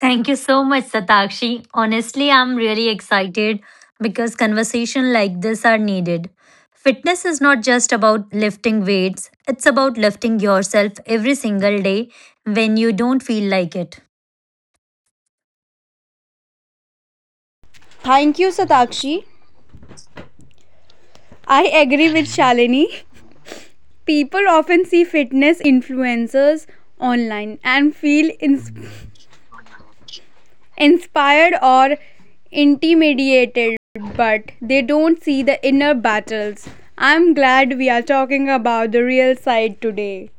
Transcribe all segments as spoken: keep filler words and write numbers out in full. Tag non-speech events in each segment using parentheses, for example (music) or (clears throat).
Thank you so much, Satakshi. Honestly, I'm really excited because conversation like this are needed. Fitness is not just about lifting weights, it's about lifting yourself every single day when you don't feel like it. Thank you, Satakshi. I agree with Shalini. People often see fitness influencers online and feel ins- inspired or intimidated, but they don't see the inner battles. I'm glad we are talking about the real side today.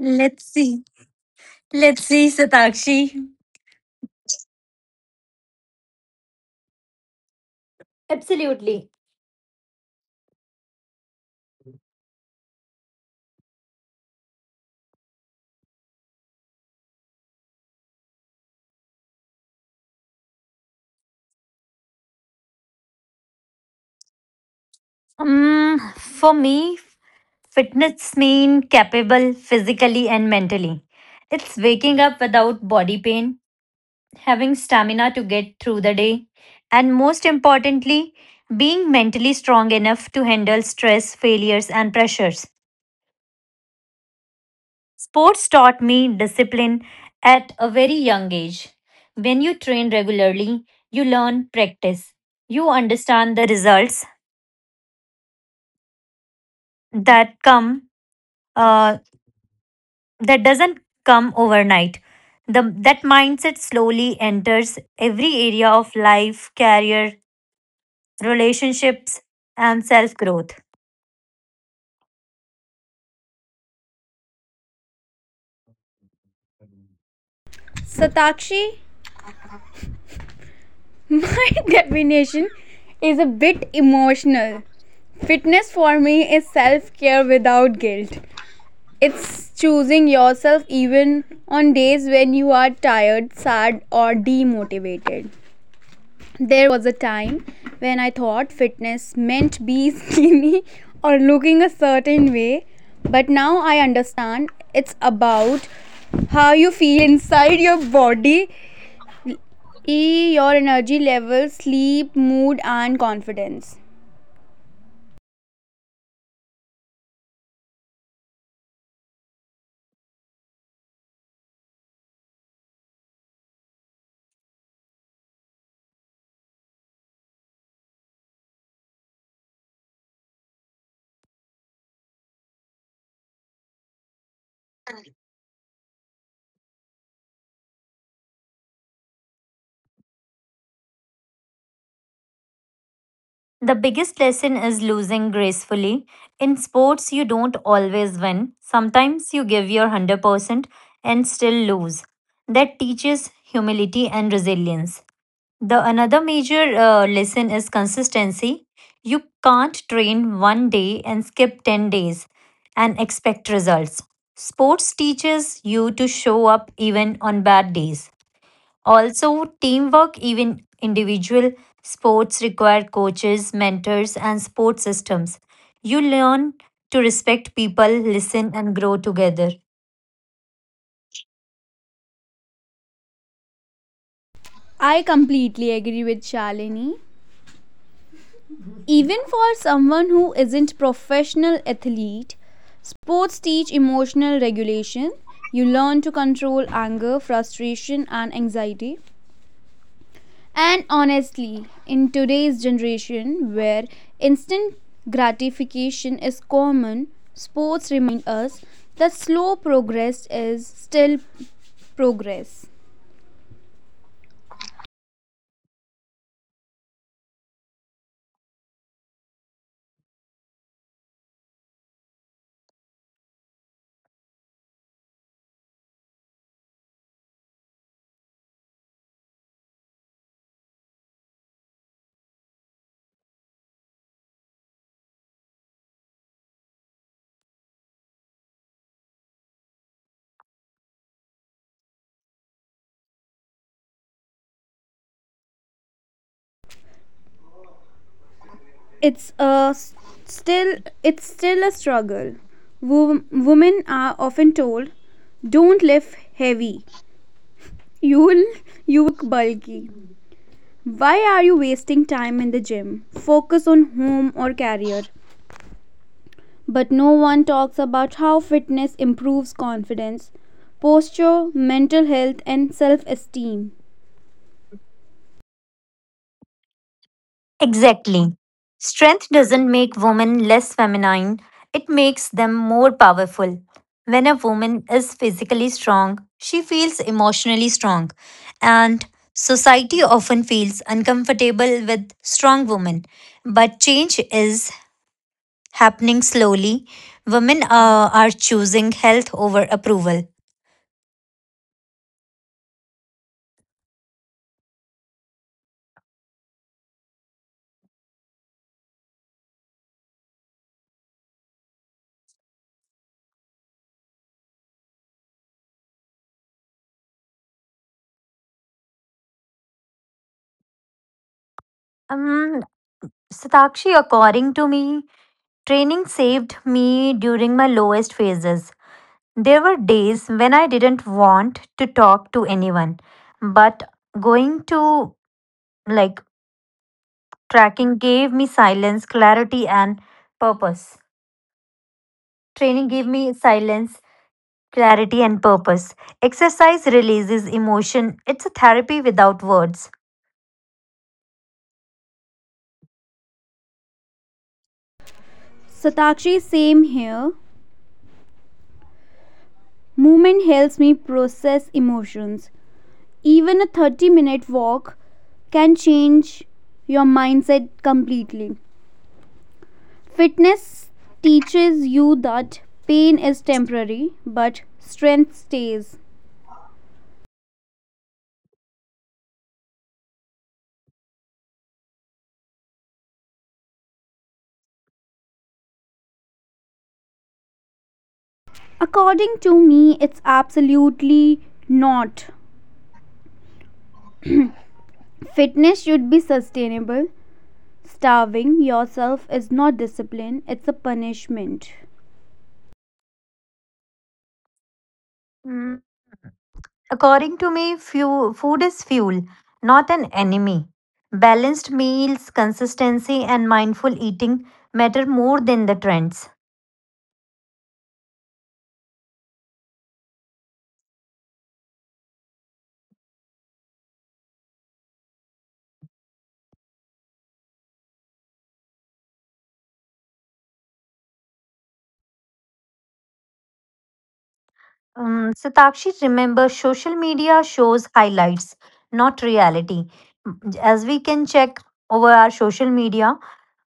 Let's see. Let's see, Satakshi. Absolutely. Um, for me, fitness means capable physically and mentally. It's waking up without body pain, having stamina to get through the day, and most importantly, being mentally strong enough to handle stress, failures, and pressures. Sports taught me discipline at a very young age. When you train regularly, you learn practice. You understand the results that come uh, that doesn't come overnight. The, that mindset slowly enters every area of life, career, relationships, and self growth. Satakshi, my (laughs) definition is a bit emotional. Fitness for me is self care without guilt. It's choosing yourself even on days when you are tired, sad, or demotivated. There was a time when I thought fitness meant being skinny (laughs) or looking a certain way, but now I understand it's about how you feel inside your body, e your energy level, sleep, mood and confidence. The biggest lesson is losing gracefully. In sports, you don't always win. Sometimes you give your one hundred percent and still lose. That teaches humility and resilience. The another major uh, lesson is consistency. You can't train one day and skip ten days and expect results. Sports teaches you to show up even on bad days. Also, teamwork, even individual sports require coaches, mentors, and support systems. You learn to respect people, listen, and grow together. I completely agree with Shalini. Even for someone who isn't professional athlete, sports teach emotional regulation. You learn to control anger, frustration and anxiety, and honestly, in today's generation where instant gratification is common, sports remind us that slow progress is still progress. it's a s- still it's still a struggle. Wo- Women are often told don't lift heavy, you will you look bulky, why are you wasting time in the gym, focus on home or career, but no one talks about how fitness improves confidence, posture, mental health and self-esteem. Exactly. Strength doesn't make women less feminine, it makes them more powerful. When a woman is physically strong, she feels emotionally strong, and society often feels uncomfortable with strong women. But change is happening slowly. Women uh, are choosing health over approval. Um, Satakshi, according to me, training saved me during my lowest phases. There were days when I didn't want to talk to anyone, but going to like tracking gave me silence, clarity, and purpose. Training gave me silence, clarity, and purpose. Exercise releases emotion. It's a therapy without words. Satakshi, same here. Movement helps me process emotions. Even a thirty minute walk can change your mindset completely. Fitness teaches you that pain is temporary but strength stays. According to me, it's absolutely not. Fitness should be sustainable. Starving yourself is not discipline, it's a punishment. According to me, few, food is fuel, not an enemy. Balanced meals, consistency, and mindful eating matter more than the trends. Um, Satakshi, remember social media shows highlights, not reality. As we can check over our social media,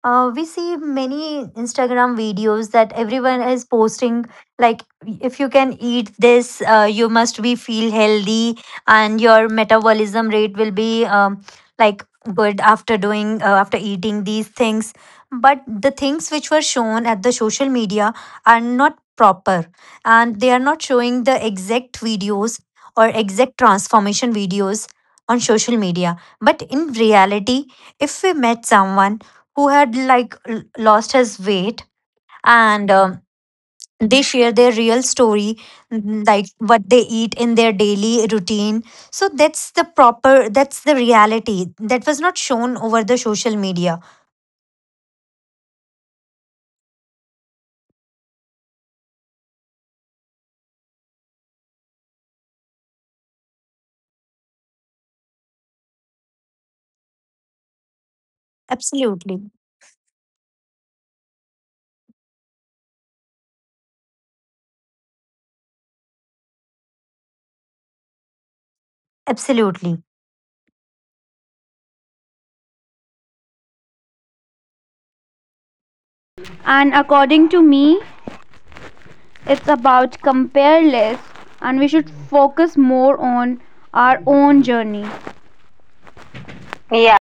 uh, we see many Instagram videos that everyone is posting. Like, if you can eat this, uh, you must be feel healthy, and your metabolism rate will be um, like good after doing uh, after eating these things. But the things which were shown at the social media are not proper and they are not showing the exact videos or exact transformation videos on social media. But in reality, if we met someone who had like l- lost his weight and um, they share their real story, mm, like what they eat in their daily routine. So that's the proper, that's the reality that was not shown over the social media. Absolutely, absolutely, And according to me, it's about compare less and we should focus more on our own journey. Yeah.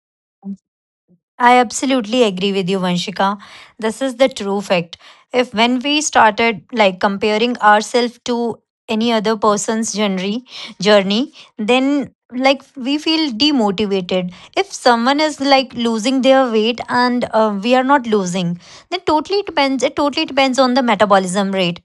I absolutely agree with you, Vanshika. This is the true fact. If when we started like comparing ourselves to any other person's journey, journey, then like we feel demotivated. If someone is like losing their weight and uh, we are not losing, then totally depends. It totally depends on the metabolism rate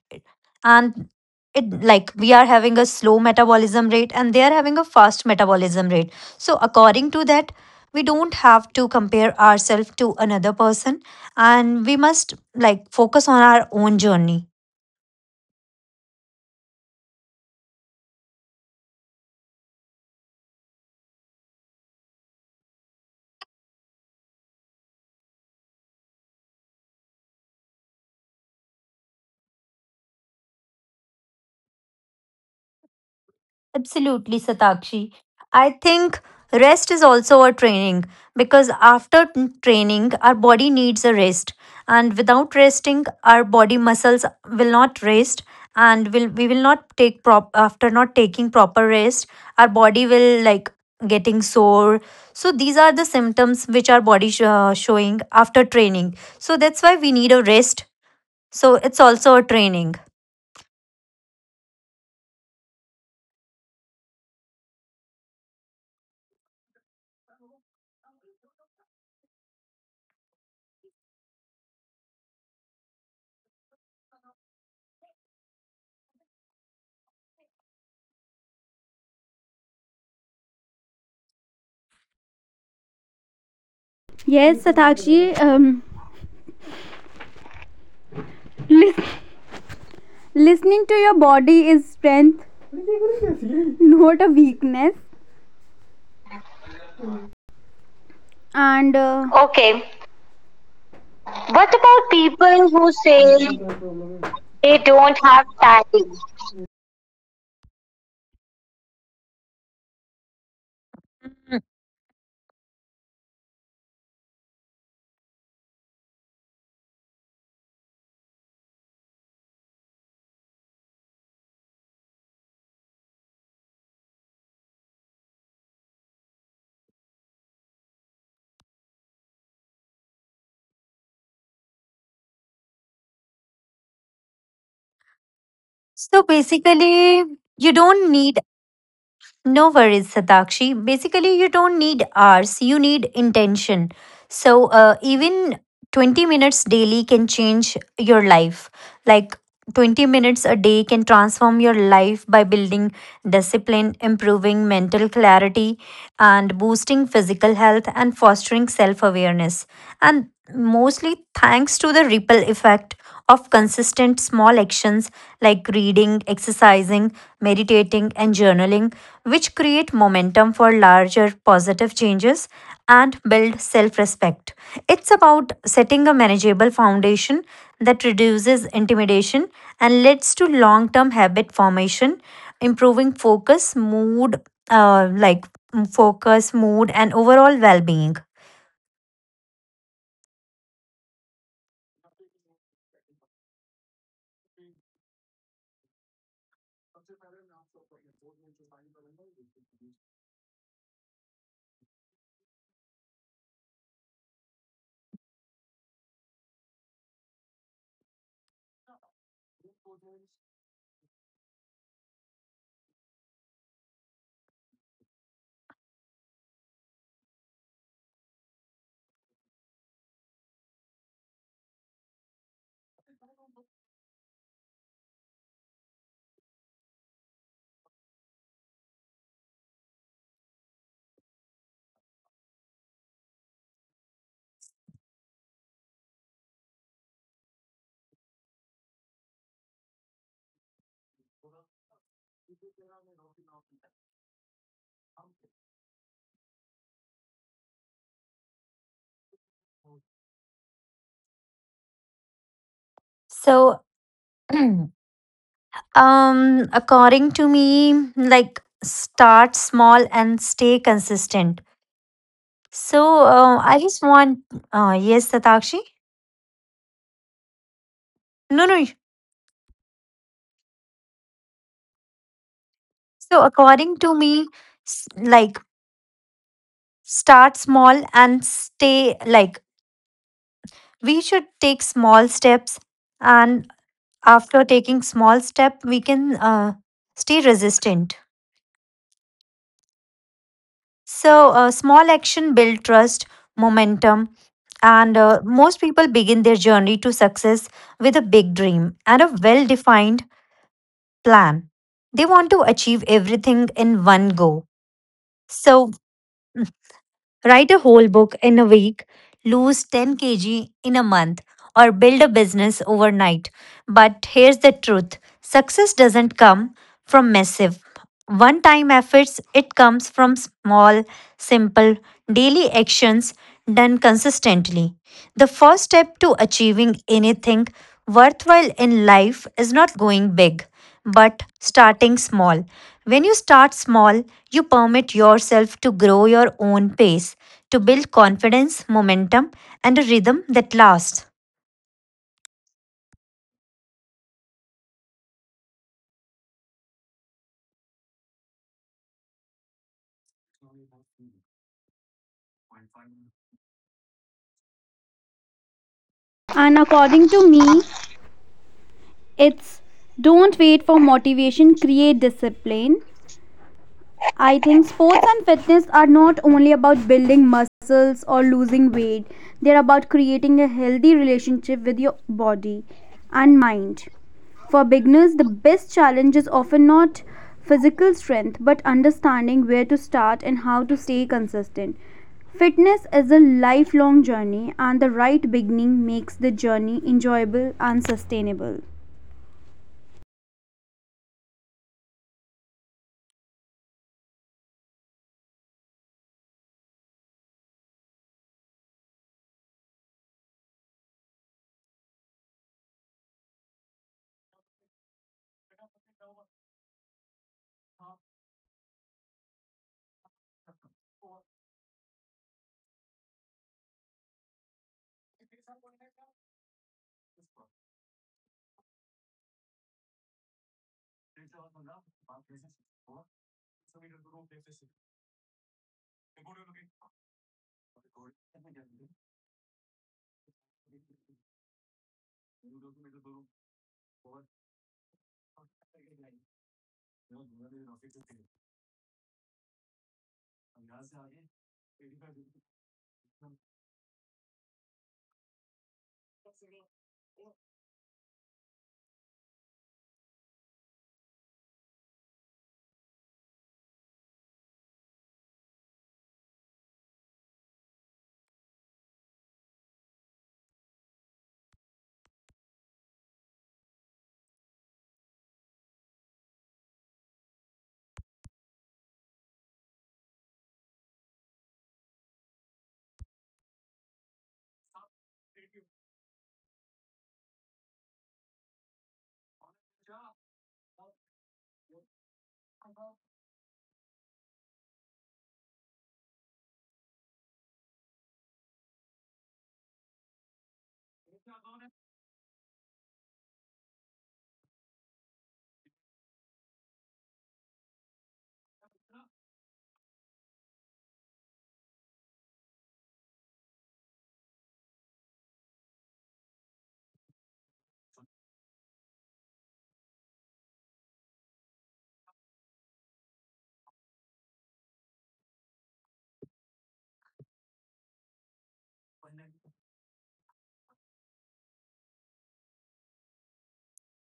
and it like we are having a slow metabolism rate and they are having a fast metabolism rate, so according to that we don't have to compare ourselves to another person and we must like focus on our own journey. Absolutely, Satakshi. I think rest is also a training because after t- training, our body needs a rest. And without resting, our body muscles will not rest and will we will not take prop after not taking proper rest, our body will like getting sore. So these are the symptoms which our body sh- uh, showing after training. So that's why we need a rest. So it's also a training. Yes, Satakshi, um, lis- listening to your body is strength, (laughs) not a weakness. And uh, Okay. What about people who say they don't have time? Mm. So basically, you don't need. No worries, Satakshi. Basically, you don't need hours, you need intention. So, uh, even twenty minutes daily can change your life. Like twenty minutes a day can transform your life by building discipline, improving mental clarity, and boosting physical health and fostering self awareness. And mostly thanks to the ripple effect of consistent small actions like reading, exercising, meditating, and journaling, which create momentum for larger positive changes and build self respect. It's about setting a manageable foundation that reduces intimidation and leads to long term habit formation, improving focus, mood, uh, like mm, focus, mood, and overall well being. So, (clears throat) um, according to me, like start small and stay consistent. So, uh, I just want, uh, yes, Satakshi. No, no. So according to me, s- like start small and stay like we should take small steps, and after taking small step we can uh, stay resistant. So uh, small action build trust, momentum, and uh, most people begin their journey to success with a big dream and a well defined plan. They want to achieve everything in one go. So, write a whole book in a week, lose ten k g in a month, or build a business overnight. But here's the truth: success doesn't come from massive one time efforts, it comes from small, simple, daily actions done consistently. The first step to achieving anything worthwhile in life is not going big, but starting small. When you start small, you permit yourself to grow your own pace, to build confidence, momentum, and a rhythm that lasts. And according to me, it's don't wait for motivation, create discipline. I think sports and fitness are not only about building muscles or losing weight, they're about creating a healthy relationship with your body and mind. For beginners, the best challenge is often not physical strength but understanding where to start and how to stay consistent. Fitness is a lifelong journey, and the right beginning makes the journey enjoyable and sustainable.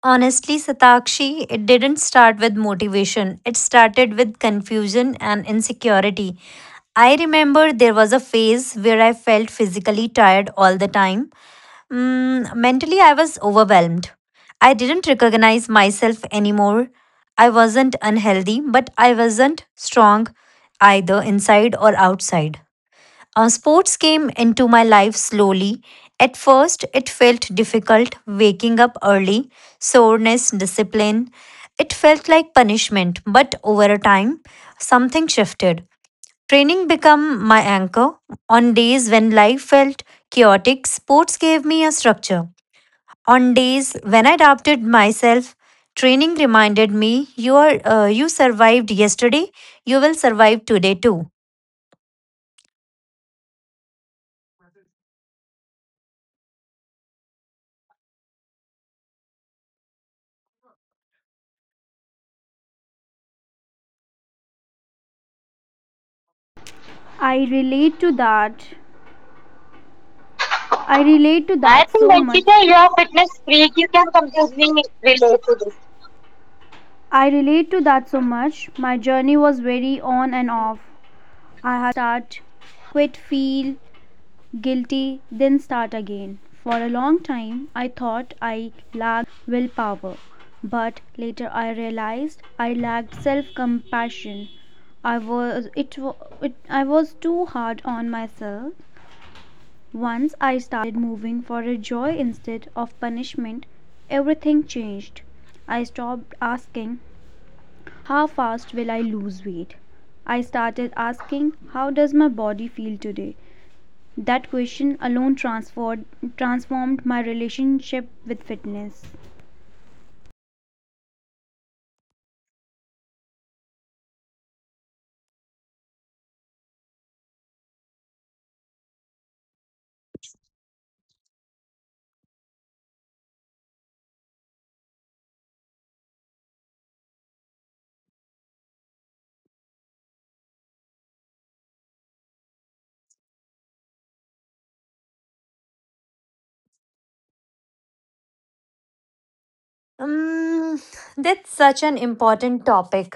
Honestly, Satakshi, it didn't start with motivation. It started with confusion and insecurity. I remember there was a phase where I felt physically tired all the time. Mm, mentally, I was overwhelmed. I didn't recognize myself anymore. I wasn't unhealthy, but I wasn't strong either inside or outside. Uh, sports came into my life slowly. At first, it felt difficult: waking up early, soreness, discipline. It felt like punishment, but over a time, something shifted. Training became my anchor. On days when life felt chaotic, sports gave me a structure. On days when I doubted myself, training reminded me, you are uh, you survived yesterday, you will survive today too. I relate to that I relate to I that think so much. Vanshika, you're a fitness freak. You can completely relate to this. I relate to that so much. My journey was very on and off. I had start, quit, feel guilty, then start again. For a long time, I thought I lacked willpower, but later I realized I lacked self-compassion. I was it, wa- it I was too hard on myself. Once I started moving for a joy instead of punishment, everything changed. I stopped asking, how fast will I lose weight? I started asking, how does my body feel today? That question alone transformed, transformed my relationship with fitness. Um, that's such an important topic.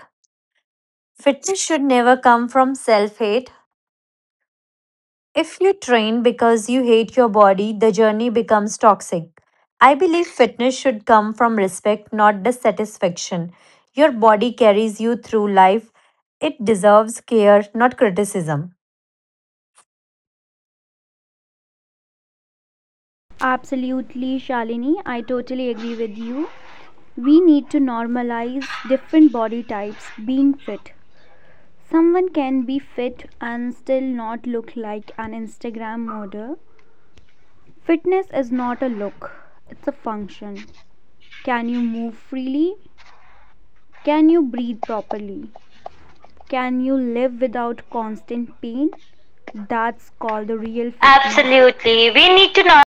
Fitness should never come from self hate. If you train because you hate your body, the journey becomes toxic. I believe fitness should come from respect, not dissatisfaction. Your body carries you through life, it deserves care, not criticism. Absolutely, Shalini, I totally agree with you. We need to normalize different body types being fit. Someone can be fit and still not look like an Instagram model. Fitness is not a look, it's a function. Can you move freely? Can you breathe properly? Can you live without constant pain? That's called the real fitness. Absolutely. We need to know.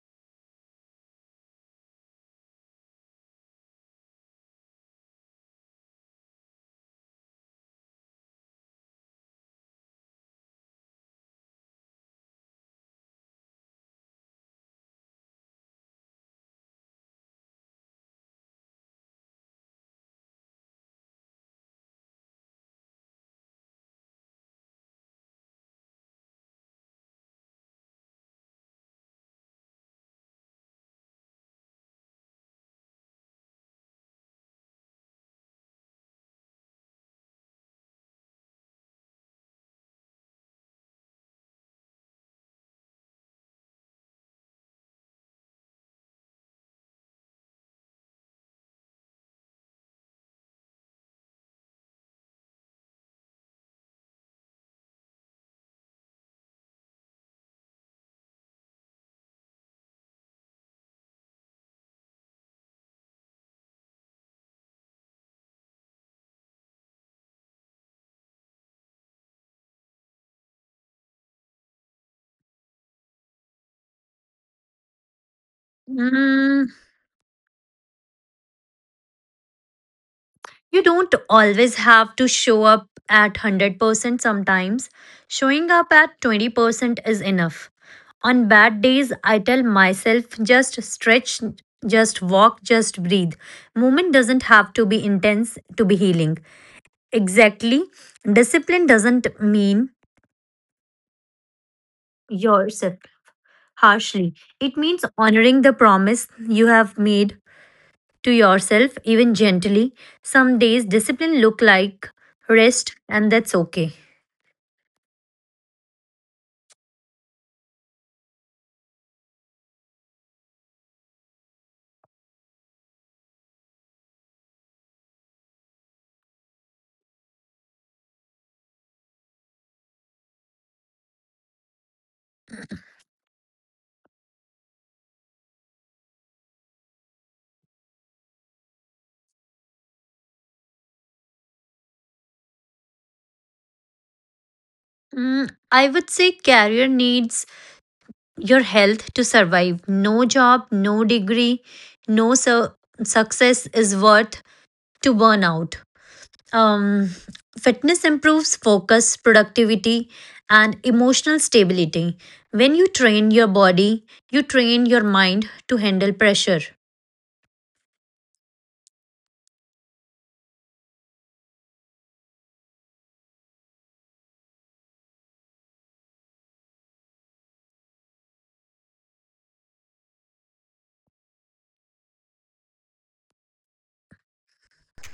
Mm. You don't always have to show up at one hundred percent sometimes. Showing up at twenty percent is enough. On bad days, I tell myself, just stretch, just walk, just breathe. Movement doesn't have to be intense to be healing. Exactly. Discipline doesn't mean yourself harshly, it means honoring the promise you have made to yourself, even gently. Some days, discipline look like rest, and that's okay. Mm. I would say career needs your health to survive. No job, no degree, no su- success is worth to burn out. Um, Fitness improves focus, productivity, and emotional stability. When you train your body, you train your mind to handle pressure.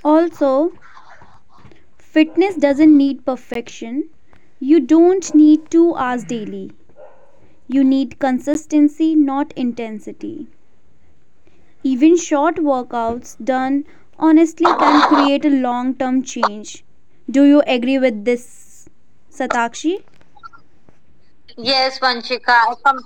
Also, fitness doesn't need perfection. You don't need two hours daily. You need consistency, not intensity. Even short workouts done honestly can create a long term change. Do you agree with this, Satakshi? Yes, Vanshika. I com-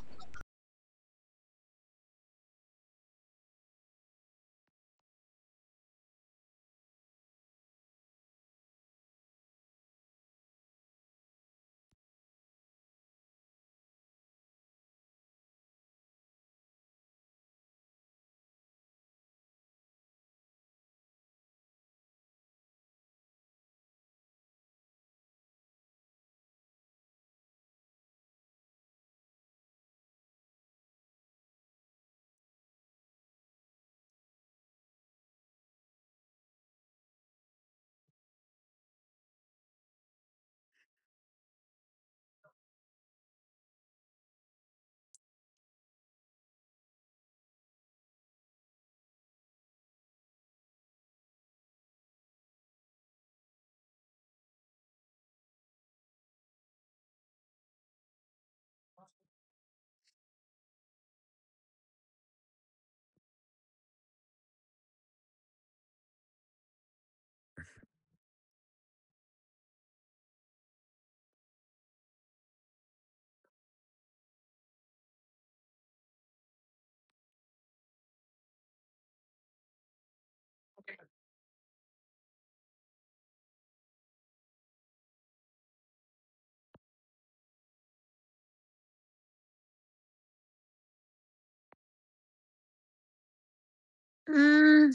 Mm.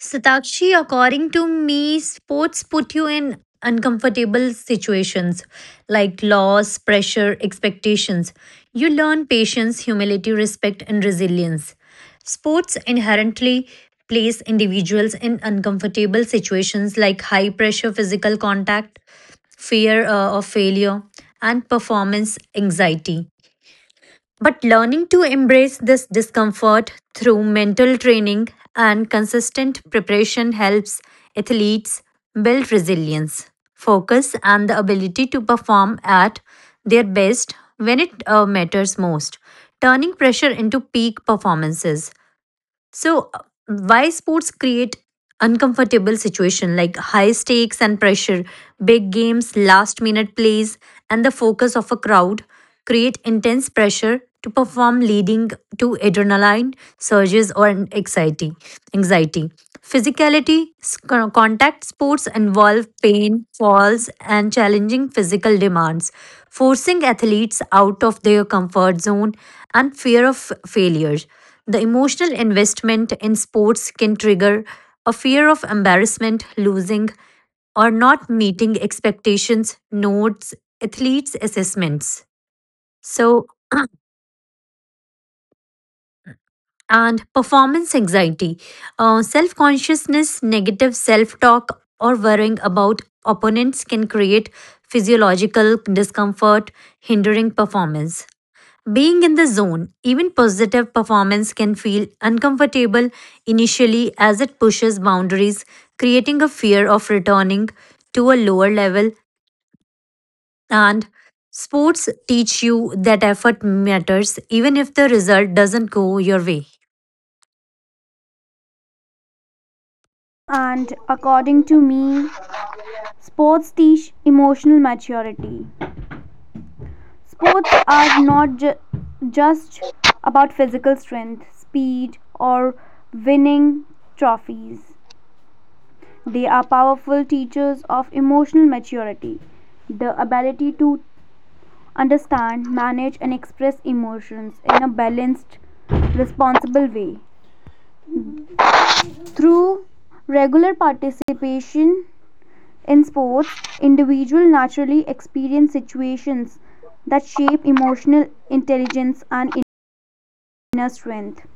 Satakshi, according to me, sports put you in uncomfortable situations like loss, pressure, expectations. You learn patience, humility, respect, and resilience. Sports inherently place individuals in uncomfortable situations like high pressure, physical contact, fear uh, of failure, and performance anxiety. But learning to embrace this discomfort through mental training and consistent preparation helps athletes build resilience, focus, and the ability to perform at their best when it uh, matters most, turning pressure into peak performances. So, uh, why sports create uncomfortable situation? Like high stakes and pressure, big games, last minute plays, and the focus of a crowd create intense pressure to perform, leading to adrenaline surges or an anxiety. Anxiety. Physicality, s- con- contact sports involve pain, falls, and challenging physical demands, forcing athletes out of their comfort zone and fear of failure. The emotional investment in sports can trigger a fear of embarrassment, losing, or not meeting expectations, notes, athletes' assessments. So, (clears throat) and performance anxiety, uh, self consciousness, negative self talk, or worrying about opponents can create physiological discomfort, hindering performance. Being in the zone, even positive performance can feel uncomfortable initially as it pushes boundaries, creating a fear of returning to a lower level. And sports teach you that effort matters even if the result doesn't go your way. And according to me, sports teach emotional maturity. Sports are not ju- just about physical strength, speed, or winning trophies. They are powerful teachers of emotional maturity, the ability to understand, manage, and express emotions in a balanced, responsible way. Through regular participation in sports, individuals naturally experience situations that shape emotional intelligence and inner strength.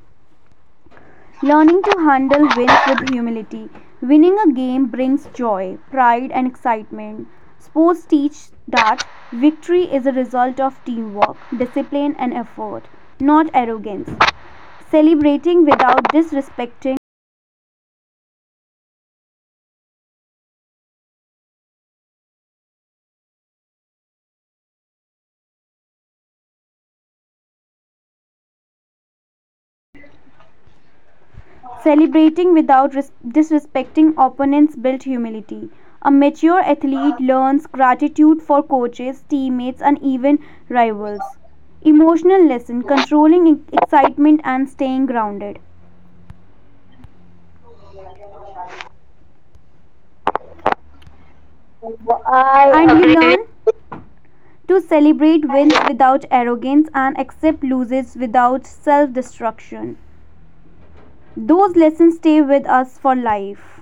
Learning to handle wins with humility. Winning a game brings joy, pride, and excitement. Sports teach that victory is a result of teamwork, discipline, and effort, not arrogance. Celebrating without disrespecting Celebrating without res- disrespecting opponents builds humility. A mature athlete learns gratitude for coaches, teammates, and even rivals. Emotional lesson, controlling e- excitement and staying grounded. And we learn to celebrate wins without arrogance and accept losses without self destruction. Those lessons stay with us for life.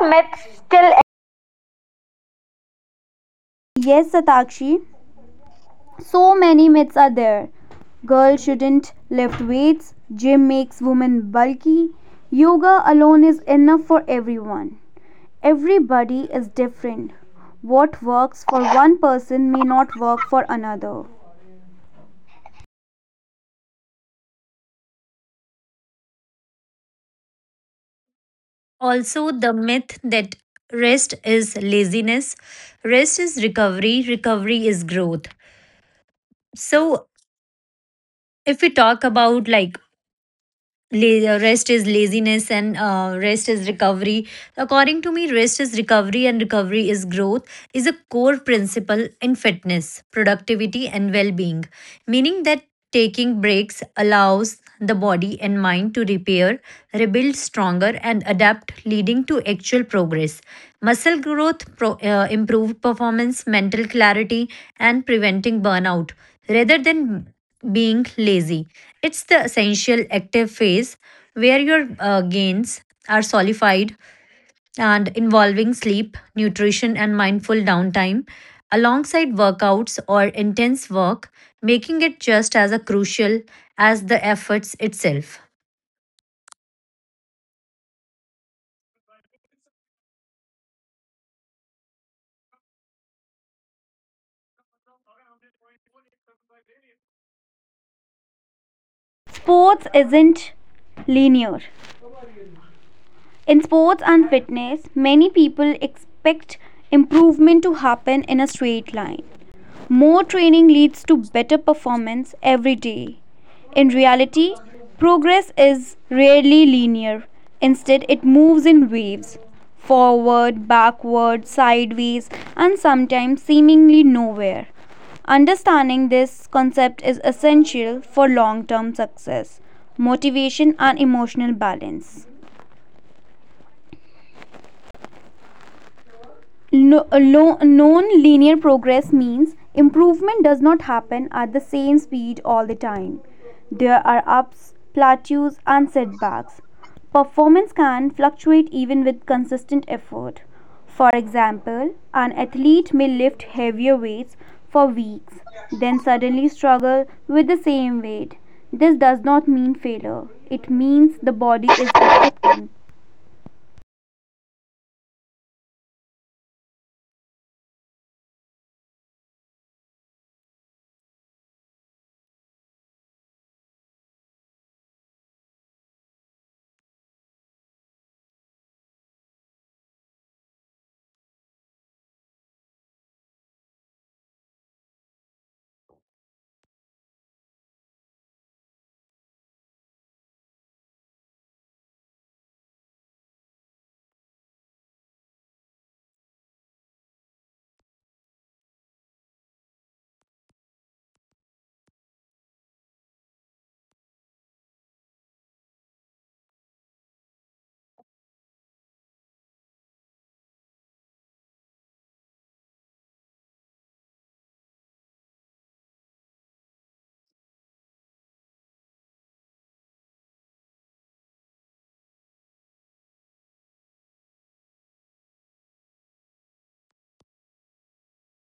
Myths still Yes, Satakshi. So many myths are there. Girls shouldn't lift weights, gym makes women bulky, yoga alone is enough for everyone. Everybody is different. What works for one person may not work for another. Also, the myth that rest is laziness: rest is recovery, recovery is growth. So, if we talk about like La- rest is laziness and uh, rest is recovery, according to me rest is recovery and recovery is growth, is a core principle in fitness, productivity, and well-being, meaning that taking breaks allows the body and mind to repair, rebuild stronger, and adapt, leading to actual progress, muscle growth, pro- uh, improved performance, mental clarity, and preventing burnout. Rather than being lazy, it's the essential active phase where your uh, gains are solidified and involving sleep, nutrition, and mindful downtime alongside workouts or intense work, making it just as a crucial as the efforts itself. Sports isn't linear. In sports and fitness, many people expect improvement to happen in a straight line. More training leads to better performance every day. In reality, progress is rarely linear. Instead, it moves in waves, forward, backward, sideways, and sometimes seemingly nowhere. Understanding this concept is essential for long term success, motivation, and emotional balance. Lo- Non-linear progress means improvement does not happen at the same speed all the time. There are ups, plateaus, and setbacks. Performance can fluctuate even with consistent effort. For example, an athlete may lift heavier weights for weeks, then suddenly struggle with the same weight. This does not mean failure, it means the body is adapting.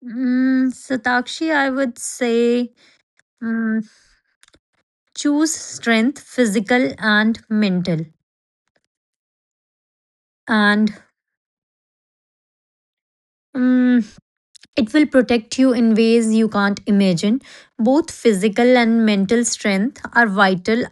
Mm, Satakshi, I would say mm, choose strength, physical and mental. And mm, it will protect you in ways you can't imagine. Both physical and mental strength are vital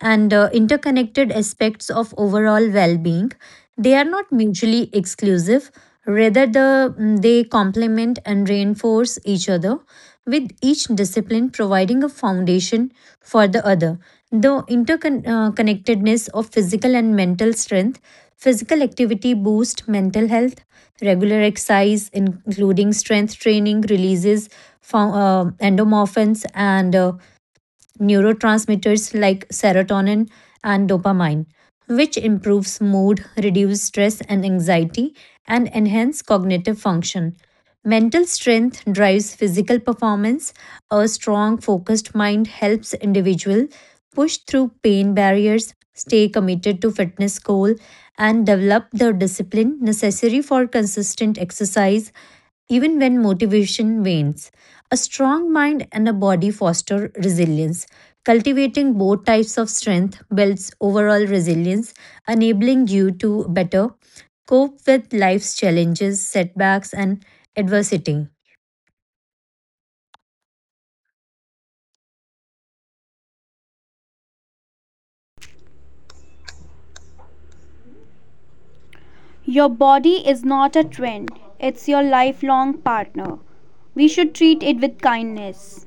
and uh, interconnected aspects of overall well-being. They are not mutually exclusive, rather the, mm, they complement and reinforce each other, with each discipline providing a foundation for the other. The interconnectedness of physical and mental strength: physical activity boosts mental health. Regular exercise including strength training releases fo- uh, endorphins and uh, neurotransmitters like serotonin and dopamine, which improves mood, reduce stress and anxiety, and enhance cognitive function. Mental strength drives physical performance. A strong, focused mind helps individual push through pain barriers, stay committed to fitness goal, and develop the discipline necessary for consistent exercise even when motivation wanes. A strong mind and a body foster resilience. Cultivating both types of strength builds overall resilience, enabling you to better cope with life's challenges, setbacks, and adversity. Your body is not a trend, it's your lifelong partner. We should treat it with kindness.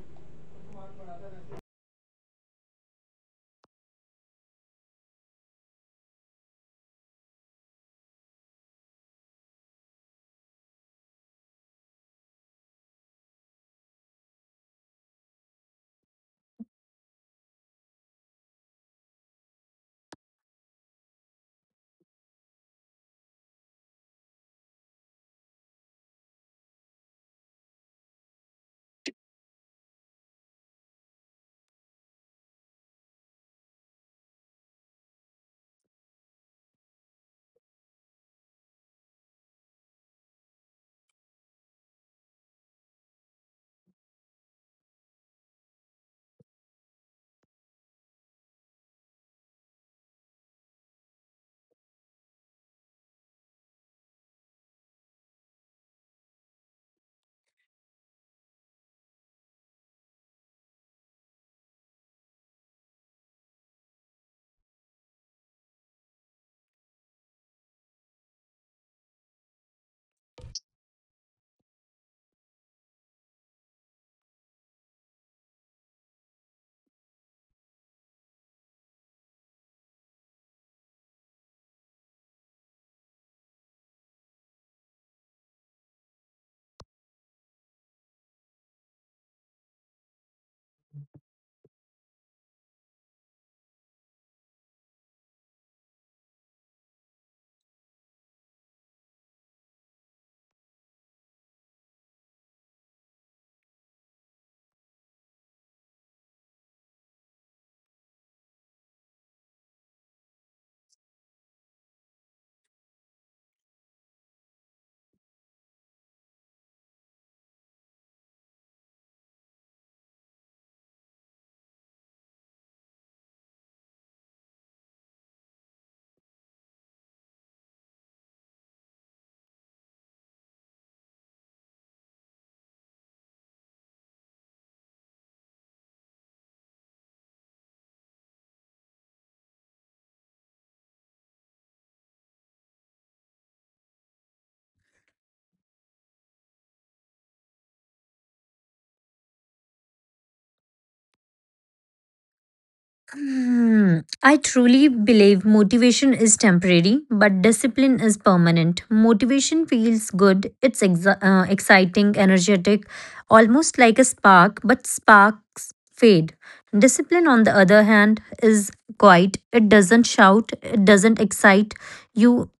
Hmm, I truly believe motivation is temporary, but discipline is permanent. Motivation feels good, it's exa- uh, exciting, energetic, almost like a spark, but sparks fade. Discipline, on the other hand, is quiet. It doesn't shout, it doesn't excite you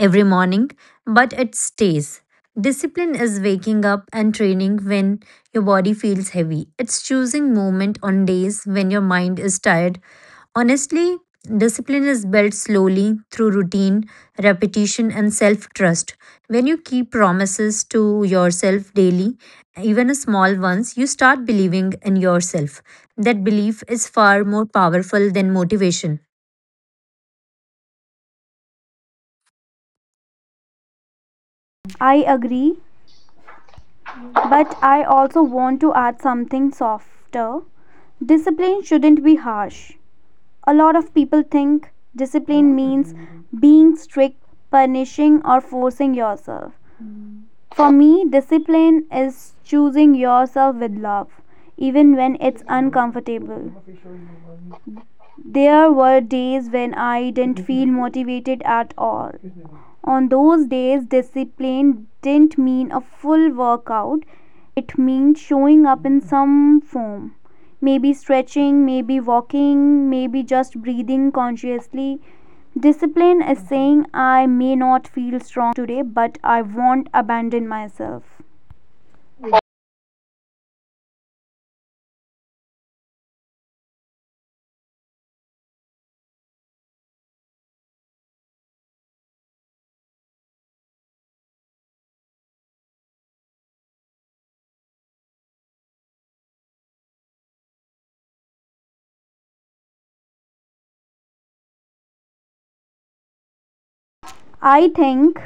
every morning, but it stays. Discipline is waking up and training when your body feels heavy. It's choosing movement on days when your mind is tired. Honestly, discipline is built slowly through routine, repetition, and self trust. When you keep promises to yourself daily, even a small ones, you start believing in yourself. That belief is far more powerful than motivation. I agree, but I also want to add something softer. Discipline shouldn't be harsh. A lot of people think discipline means being strict, punishing, or forcing yourself. For me, discipline is choosing yourself with love, even when it's uncomfortable. There were days when I didn't feel motivated at all. On those days, discipline didn't mean a full workout, it meant showing up in some form. Maybe stretching, maybe walking, maybe just breathing consciously. Discipline is saying I may not feel strong today, but I won't abandon myself. I think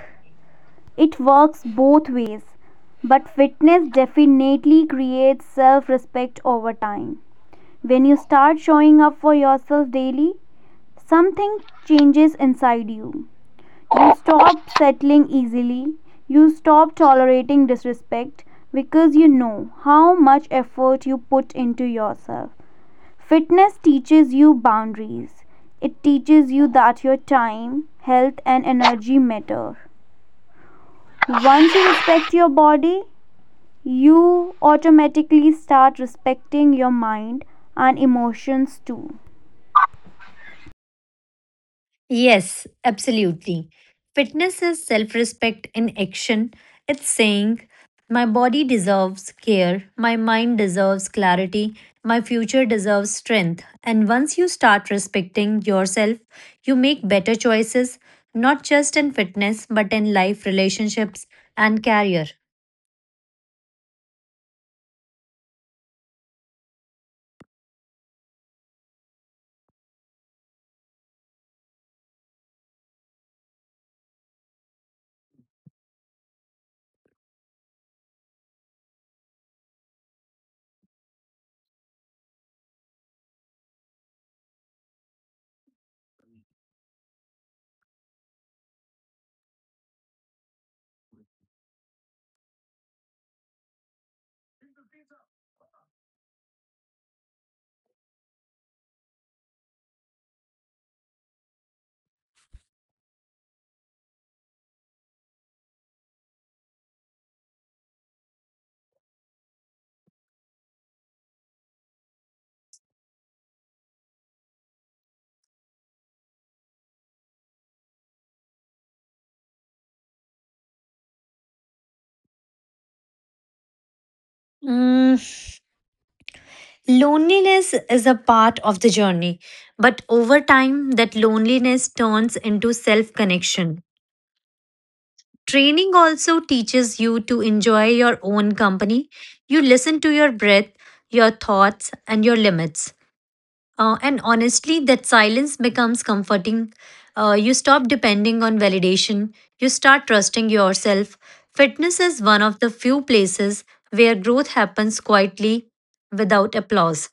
it works both ways, but fitness definitely creates self respect over time. When you start showing up for yourself daily, something changes inside you. You stop settling easily, you stop tolerating disrespect because you know how much effort you put into yourself. Fitness teaches you boundaries. It teaches you that your time, health, and energy matter. Once you respect your body, you automatically start respecting your mind and emotions too. Yes, absolutely. Fitness is self respect in action. It's saying, my body deserves care, my mind deserves clarity, my future deserves strength. And once you start respecting yourself, you make better choices, not just in fitness, but in life, relationships, and career. Mm, loneliness is a part of the journey, but over time, that loneliness turns into self connection. Training also teaches you to enjoy your own company. You listen to your breath, your thoughts, and your limits. Uh, and honestly, that silence becomes comforting. Uh, you stop depending on validation, you start trusting yourself. Fitness is one of the few places where growth happens quietly without applause.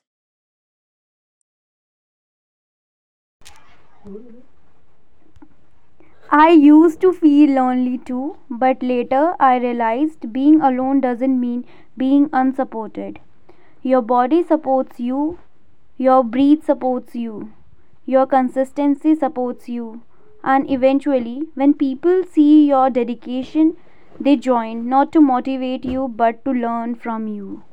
I used to feel lonely too, but later I realized being alone doesn't mean being unsupported. Your body supports you, your breath supports you, your consistency supports you, and eventually, when people see your dedication, they join not to motivate you but to learn from you.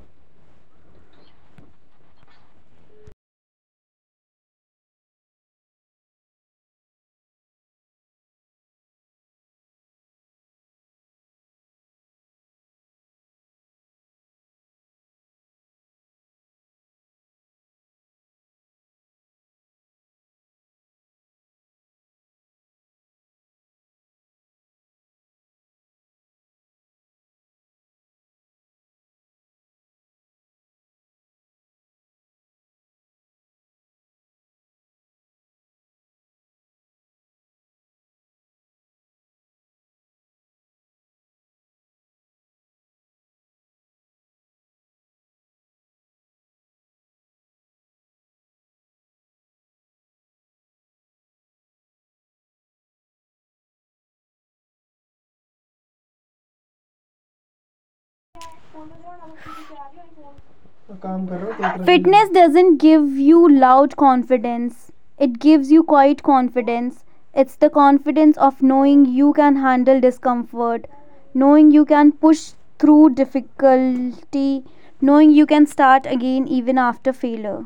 Stress doesn't give you loud confidence, it gives you quiet confidence. It's the confidence of knowing you can handle discomfort, knowing you can push through difficulty, knowing you can start again even after failure.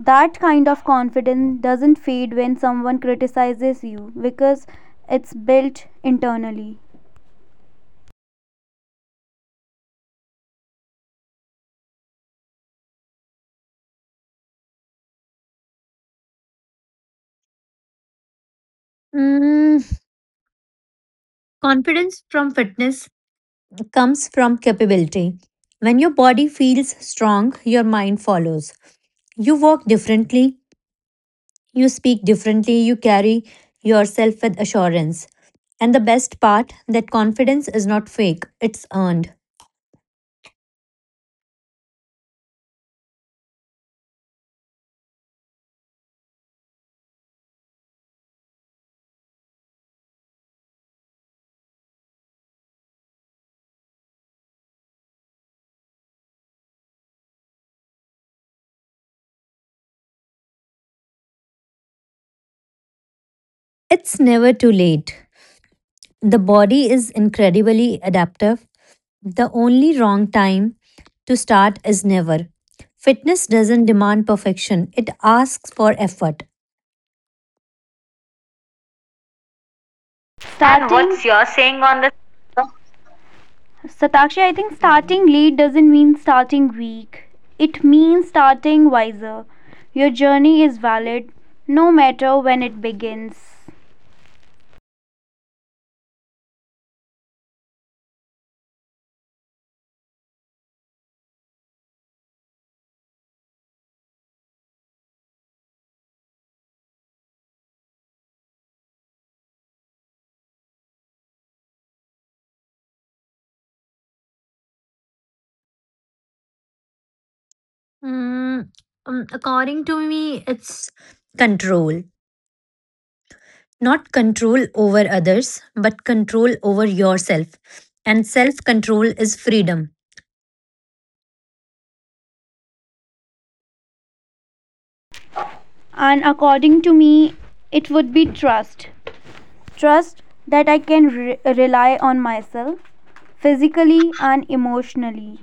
That kind of confidence doesn't fade when someone criticizes you because it's built internally. And Mm, confidence from fitness comes from capability. When your body feels strong, your mind follows. You walk differently, you speak differently, you carry yourself with assurance. And the best part, that confidence is not fake, it's earned. It's never too late. The body is incredibly adaptive. The only wrong time to start is never. Fitness doesn't demand perfection, it asks for effort. Starting- what's your saying on the Satakshi, I think starting late doesn't mean starting weak. It means starting wiser. Your journey is valid no matter when it begins. Mm, um, According to me, it's control. Not control over others, but control over yourself. And self control is freedom. And according to me, it would be trust. Trust that I can re- rely on myself physically and emotionally.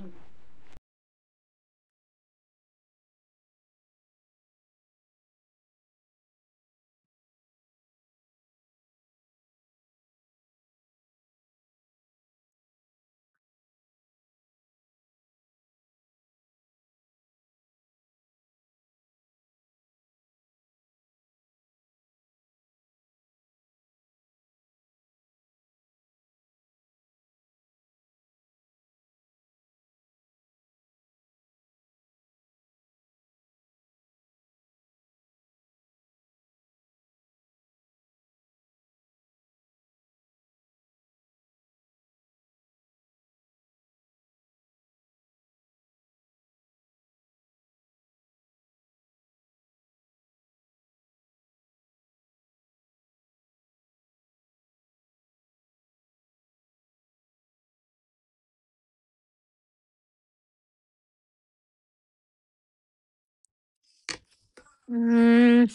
Mm,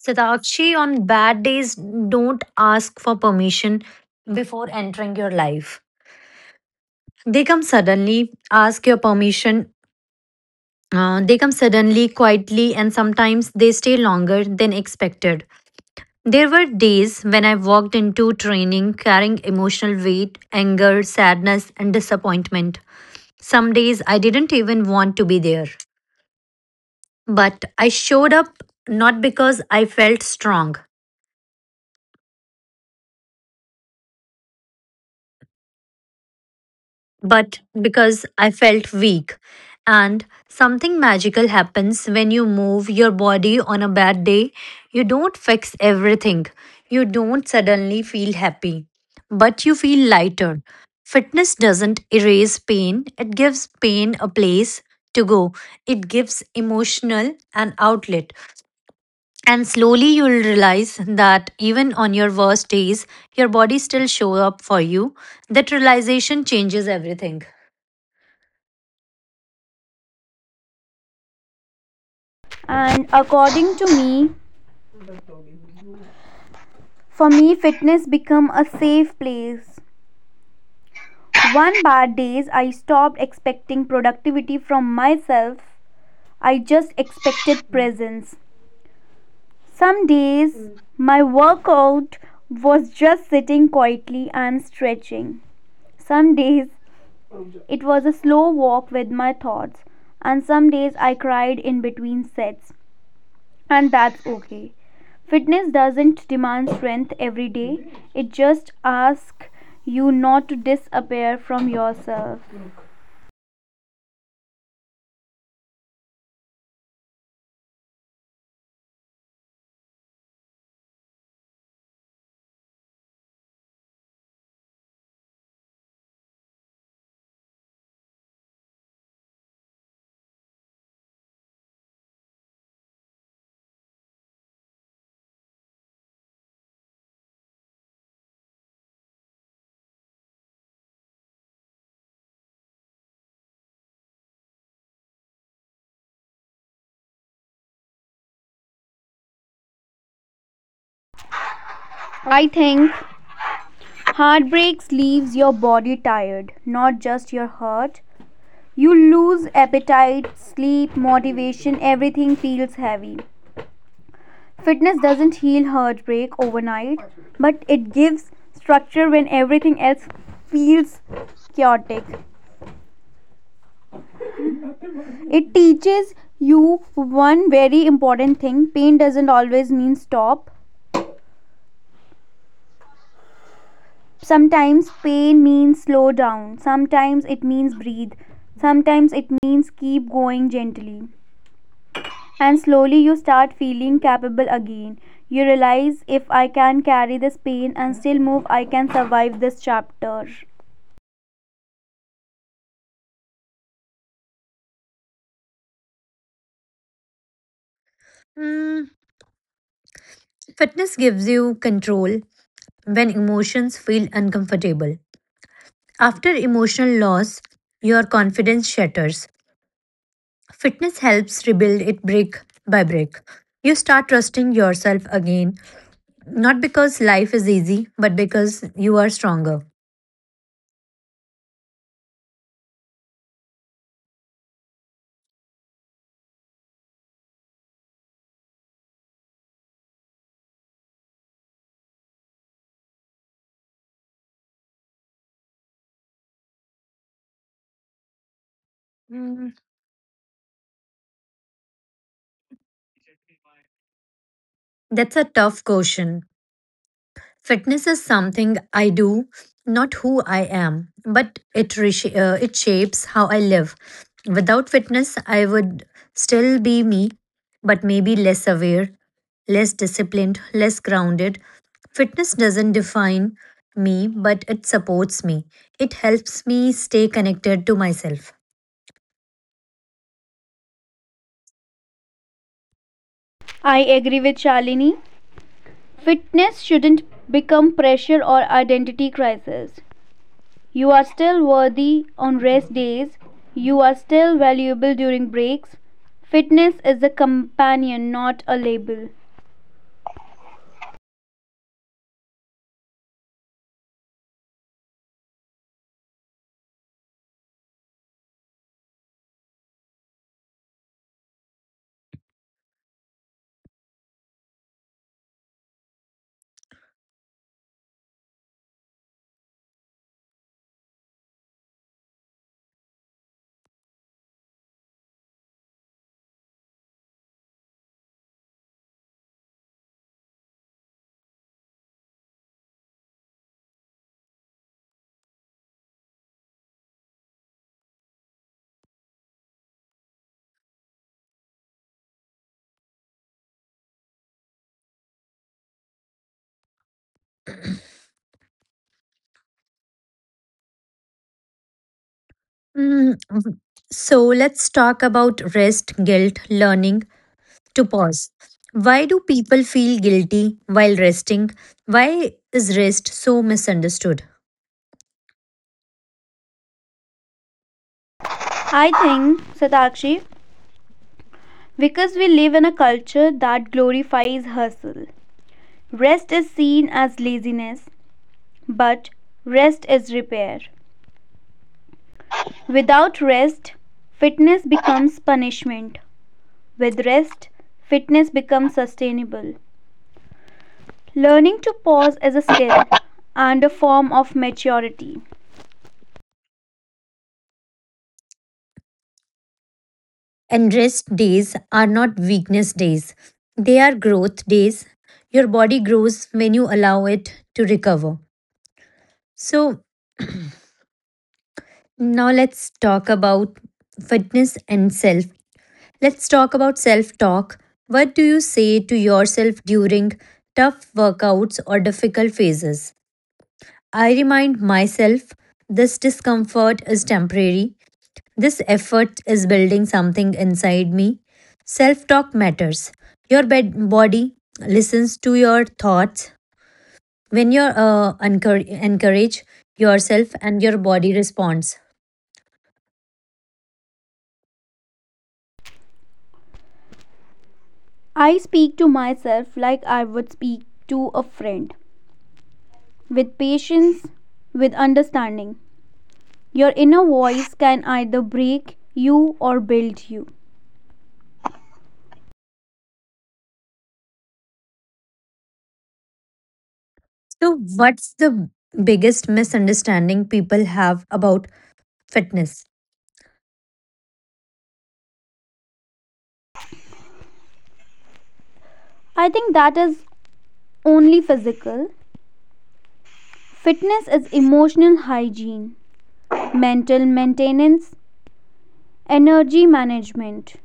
Satakshi, on bad days, don't ask for permission before entering your life. They come suddenly, ask your permission. Uh, they come suddenly, quietly, and sometimes they stay longer than expected. There were days when I walked into training carrying emotional weight, anger, sadness, and disappointment. Some days I didn't even want to be there. But I showed up not because I felt strong, but because I felt weak. And something magical happens when you move your body on a bad day. You don't fix everything, you don't suddenly feel happy, but you feel lighter. Fitness doesn't erase pain, it gives pain a place to go, it gives emotional an outlet. And slowly you'll realize that even on your worst days, your body still shows up for you. That realization changes everything. And according to me, for me fitness become a safe place. One bad days I stopped expecting productivity from myself, I just expected presence. Some days, my workout was just sitting quietly and stretching. Some days, it was a slow walk with my thoughts. And some days, I cried in between sets. And that's okay. Fitness doesn't demand strength every day, it just asks you not to disappear from yourself. I think heartbreaks leaves your body tired, not just your heart. You lose appetite, sleep, motivation, everything feels heavy. Fitness doesn't heal heartbreak overnight, but it gives structure when everything else feels chaotic. It teaches you one very important thing, pain doesn't always mean stop. Sometimes pain means slow down, sometimes it means breathe, sometimes it means keep going gently. And slowly you start feeling capable again. You realize if I can carry this pain and still move, I can survive this chapter. Mm, fitness gives you control when emotions feel uncomfortable. After emotional loss, your confidence shatters. Fitness helps rebuild it brick by brick. You start trusting yourself again, not because life is easy, but because you are stronger. That's a tough question. Fitness is something I do, not who I am, but it resha- uh, it shapes how I live. Without fitness, I would still be me, but maybe less aware, less disciplined, less grounded. Fitness doesn't define me, but it supports me. It helps me stay connected to myself. I agree with Shalini. Fitness shouldn't become pressure or identity crisis. You are still worthy on rest days. You are still valuable during breaks. Fitness is a companion, not a label. Mm, so let's talk about rest, guilt, learning, to pause. Why do people feel guilty while resting? Why is rest so misunderstood? I think, Satakshi, because we live in a culture that glorifies hustle. Rest is seen as laziness, but rest is repair. Without rest, fitness becomes punishment. With rest, fitness becomes sustainable. Learning to pause is a skill and a form of maturity. And rest days are not weakness days, they are growth days. Your body grows when you allow it to recover. So, now let's talk about fitness and self. Let's talk about self talk. What do you say to yourself during tough workouts or difficult phases? I remind myself this discomfort is temporary. This effort is building something inside me. Self talk matters. Your bed- body listens to your thoughts. When you uh, encour- encourage yourself and your body responds. I speak to myself like I would speak to a friend. With patience, with understanding, your inner voice can either break you or build you. So, what's the biggest misunderstanding people have about fitness? I think that is only physical. Fitness is emotional hygiene, mental maintenance, energy management.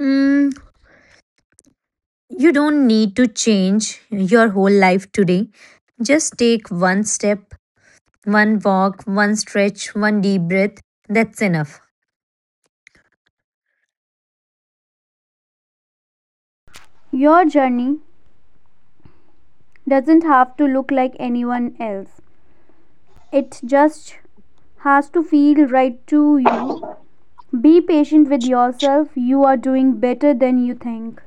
Mm, you don't need to change your whole life today. Just take one step. One walk, one stretch, one deep breath, that's enough. Your journey doesn't have to look like anyone else, it just has to feel right to you. Be patient with yourself, you are doing better than you think.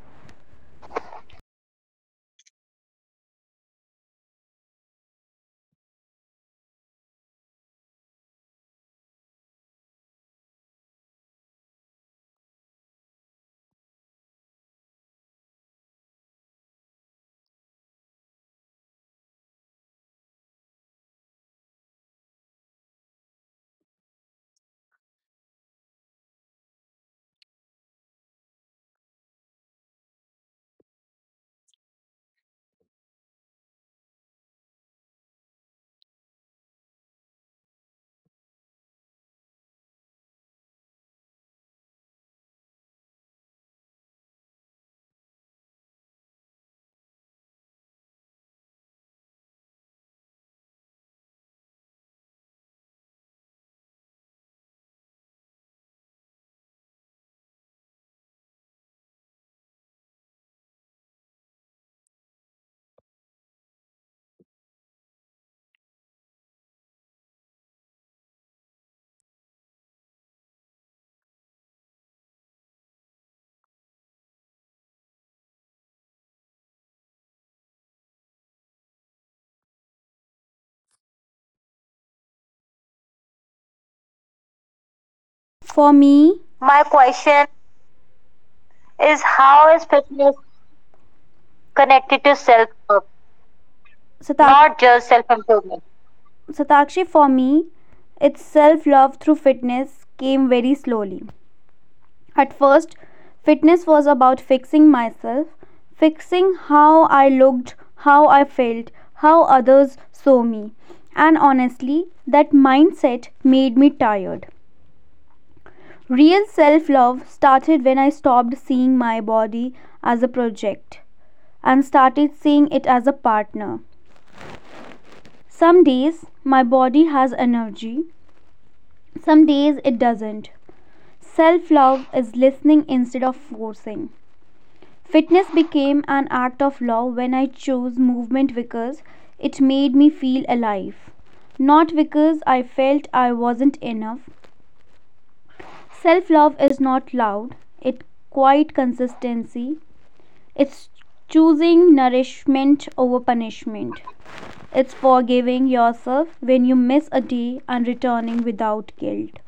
For me, my question is how is fitness connected to self love, Satak- not just self improvement? Satakshi, for me, its self love through fitness came very slowly. At first, fitness was about fixing myself, fixing how I looked, how I felt, how others saw me. And honestly, that mindset made me tired. Real self love started when I stopped seeing my body as a project and started seeing it as a partner. Some days my body has energy, some days it doesn't. Self love is listening instead of forcing. Fitness became an act of love when I chose movement because it made me feel alive, not because I felt I wasn't enough. Self love is not loud, it's quiet consistency, it's choosing nourishment over punishment, it's forgiving yourself when you miss a day and returning without guilt.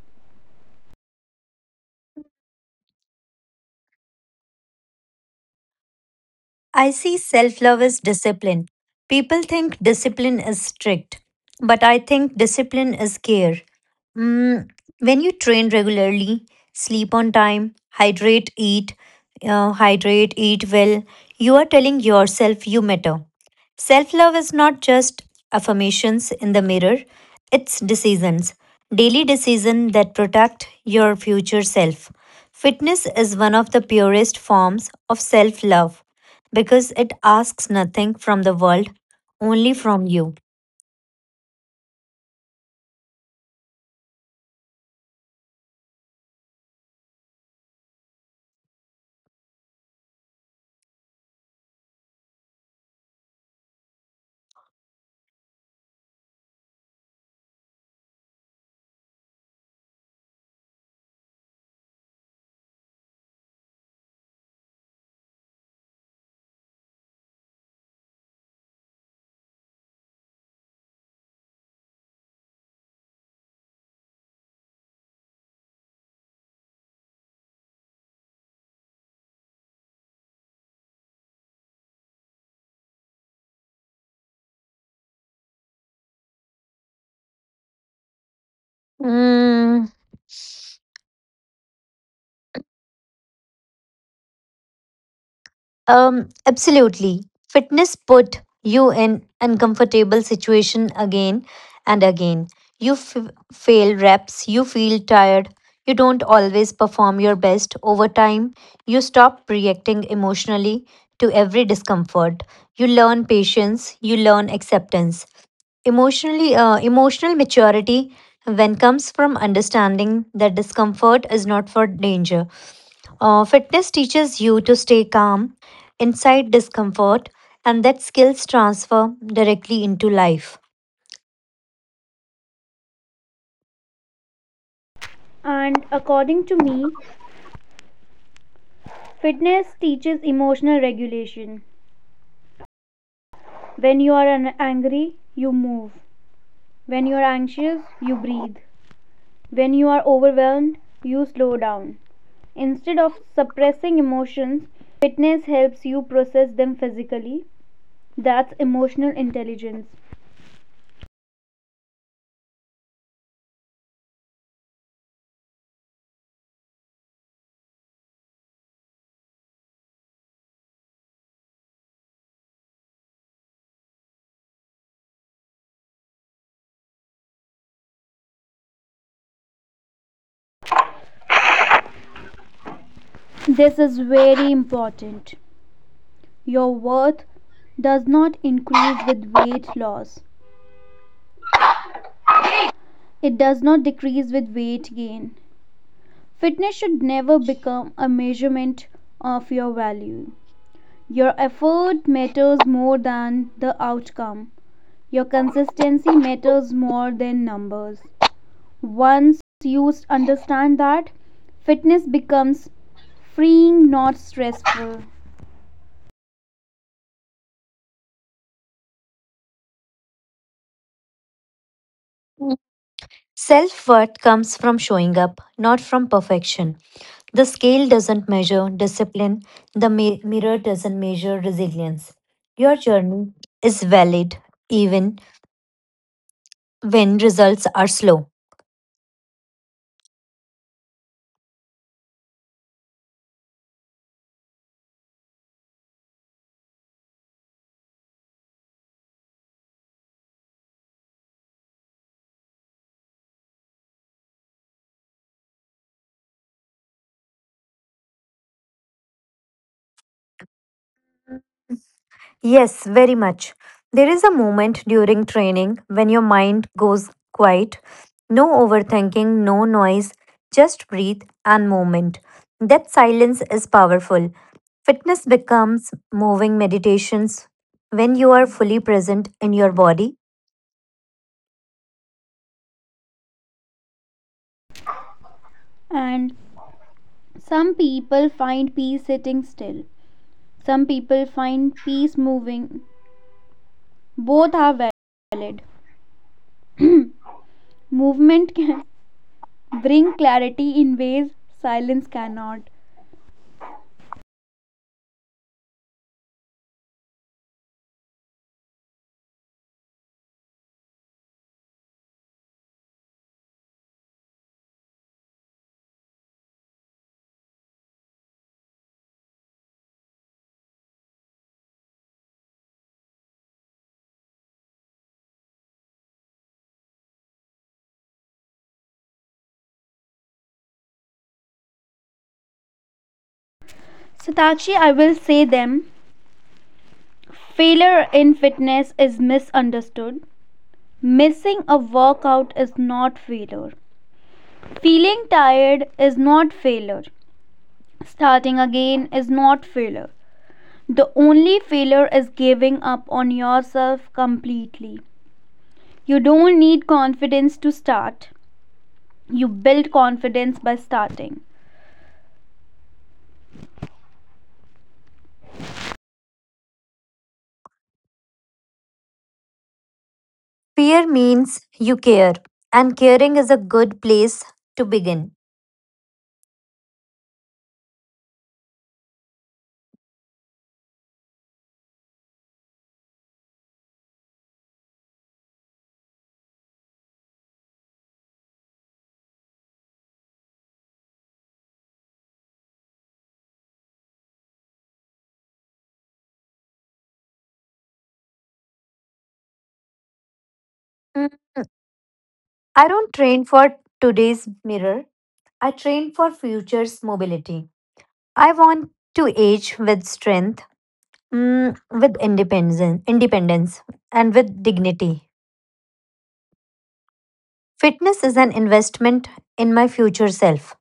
I see self love as discipline. People think discipline is strict, but I think discipline is care. Mm, when you train regularly, sleep on time, hydrate, eat, uh, hydrate, eat well, you are telling yourself you matter. Self love is not just affirmations in the mirror, it's decisions, daily decisions that protect your future self. Fitness is one of the purest forms of self love because it asks nothing from the world, only from you. Mm, um, Absolutely. Fitness put you in uncomfortable situation again and again. You f- fail reps, you feel tired, you don't always perform your best. Over time, you stop reacting emotionally to every discomfort. You learn patience, you learn acceptance. Emotionally, uh, emotional maturity when comes from understanding that discomfort is not for danger. Uh, fitness teaches you to stay calm inside discomfort, and that skills transfer directly into life. And according to me, fitness teaches emotional regulation. When you are angry, you move. When you are anxious, you breathe. When you are overwhelmed, you slow down. Instead of suppressing emotions, fitness helps you process them physically. That's emotional intelligence. This is very important. Your worth does not increase with weight loss, it does not decrease with weight gain. Fitness should never become a measurement of your value. Your effort matters more than the outcome. Your consistency matters more than numbers. Once you understand that, fitness becomes freeing, not stressful. Self worth comes from showing up, not from perfection. The scale doesn't measure discipline, the mi- mirror doesn't measure resilience. Your journey is valid even when results are slow. Yes, very much. There is a moment during training when your mind goes quiet. No overthinking, no noise, just breathe and movement. That silence is powerful. Fitness becomes moving meditations when you are fully present in your body. And some people find peace sitting still, some people find peace moving. Both are valid. Movement can bring clarity in ways silence cannot. Satakshi, I will say them. Failure in fitness is misunderstood. Missing a workout is not failure. Feeling tired is not failure. Starting again is not failure. The only failure is giving up on yourself completely. You don't need confidence to start. You build confidence by starting. Fear means you care, and caring is a good place to begin. Mm, I don't train for today's mirror. I train for future's mobility. I want to age with strength, mm, with independence, independence, and with dignity. Fitness is an investment in my future self.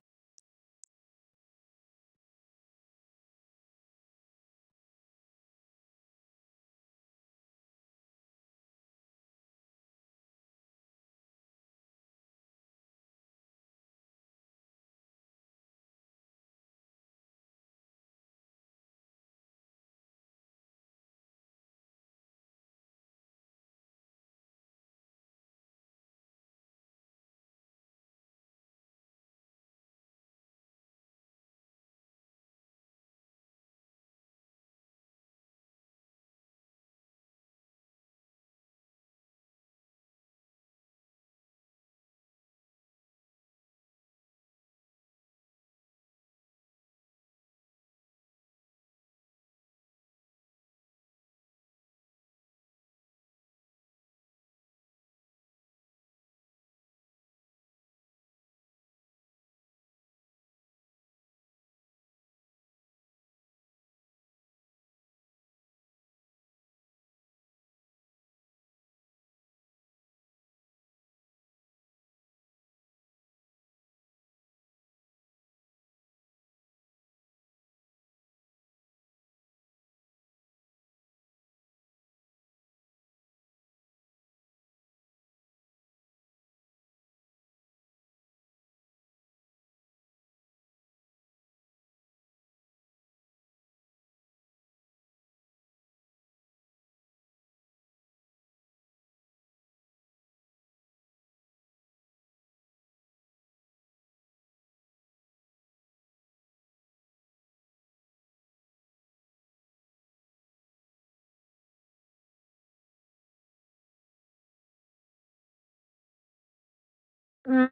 Mm,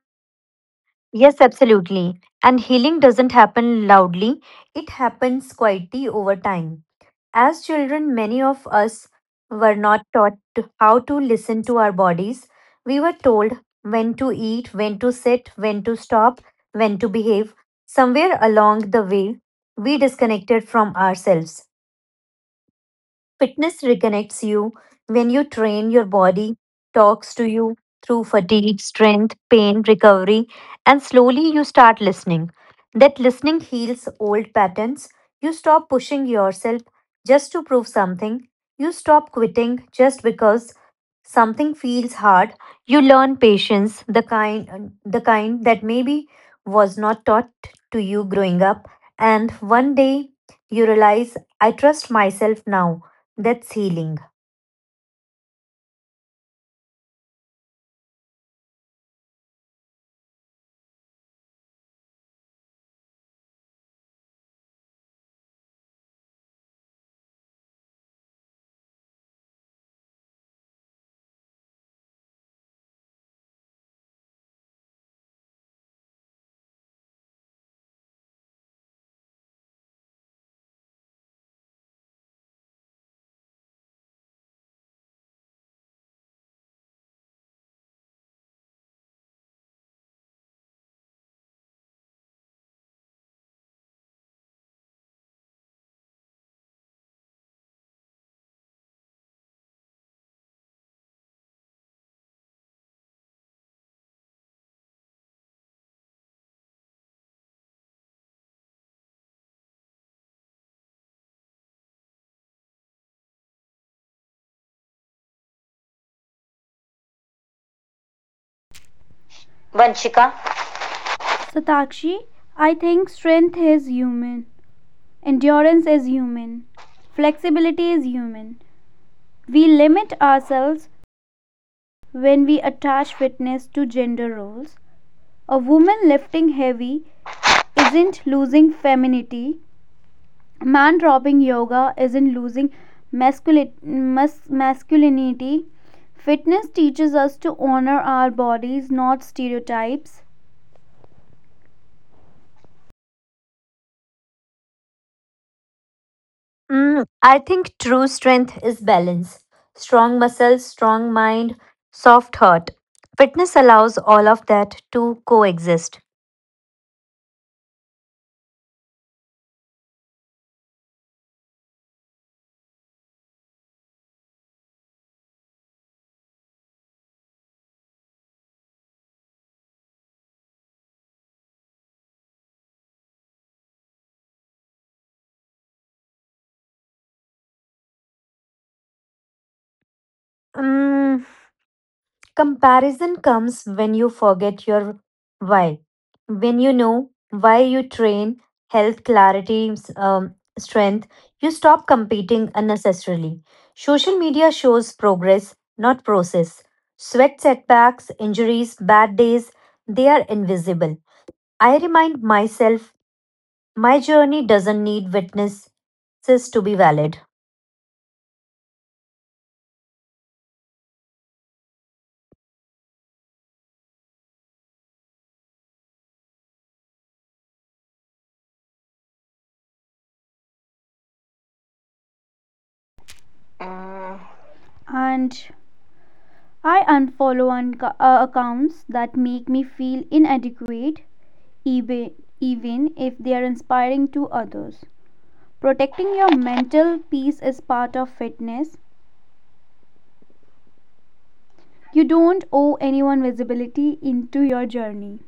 yes, absolutely. And healing doesn't happen loudly, it happens quietly over time. As children, many of us were not taught to- how to listen to our bodies. We were told when to eat, when to sit, when to stop, when to behave. Somewhere along the way, we disconnected from ourselves. Fitness reconnects you. When you train, your body talks to you through fatigue, strength, pain, recovery, and slowly you start listening. That listening heals old patterns. You stop pushing yourself just to prove something. You stop quitting just because something feels hard. You learn patience, the kind the kind that maybe was not taught to you growing up. And one day you realize I trust myself now. That's healing. Vanshika, Satakshi, I think strength is human, endurance is human, flexibility is human. We limit ourselves when we attach fitness to gender roles. A woman lifting heavy isn't losing femininity. A man dropping yoga isn't losing masculinity. Fitness teaches us to honor our bodies, not stereotypes. Mm, I think true strength is balance. Strong muscles, strong mind, soft heart. Fitness allows all of that to coexist. Mm, comparison comes when you forget your why. When you know why you train, health, clarity, s- um, strength, you stop competing unnecessarily. Social media shows progress, not process. Sweat setbacks, injuries, bad days, they are invisible. I remind myself my journey doesn't need witnesses to be valid. mm, And I unfollow unco- uh, accounts that make me feel inadequate, even, even if they are inspiring to others. Protecting your mental peace is part of fitness. You don't owe anyone visibility into your journey.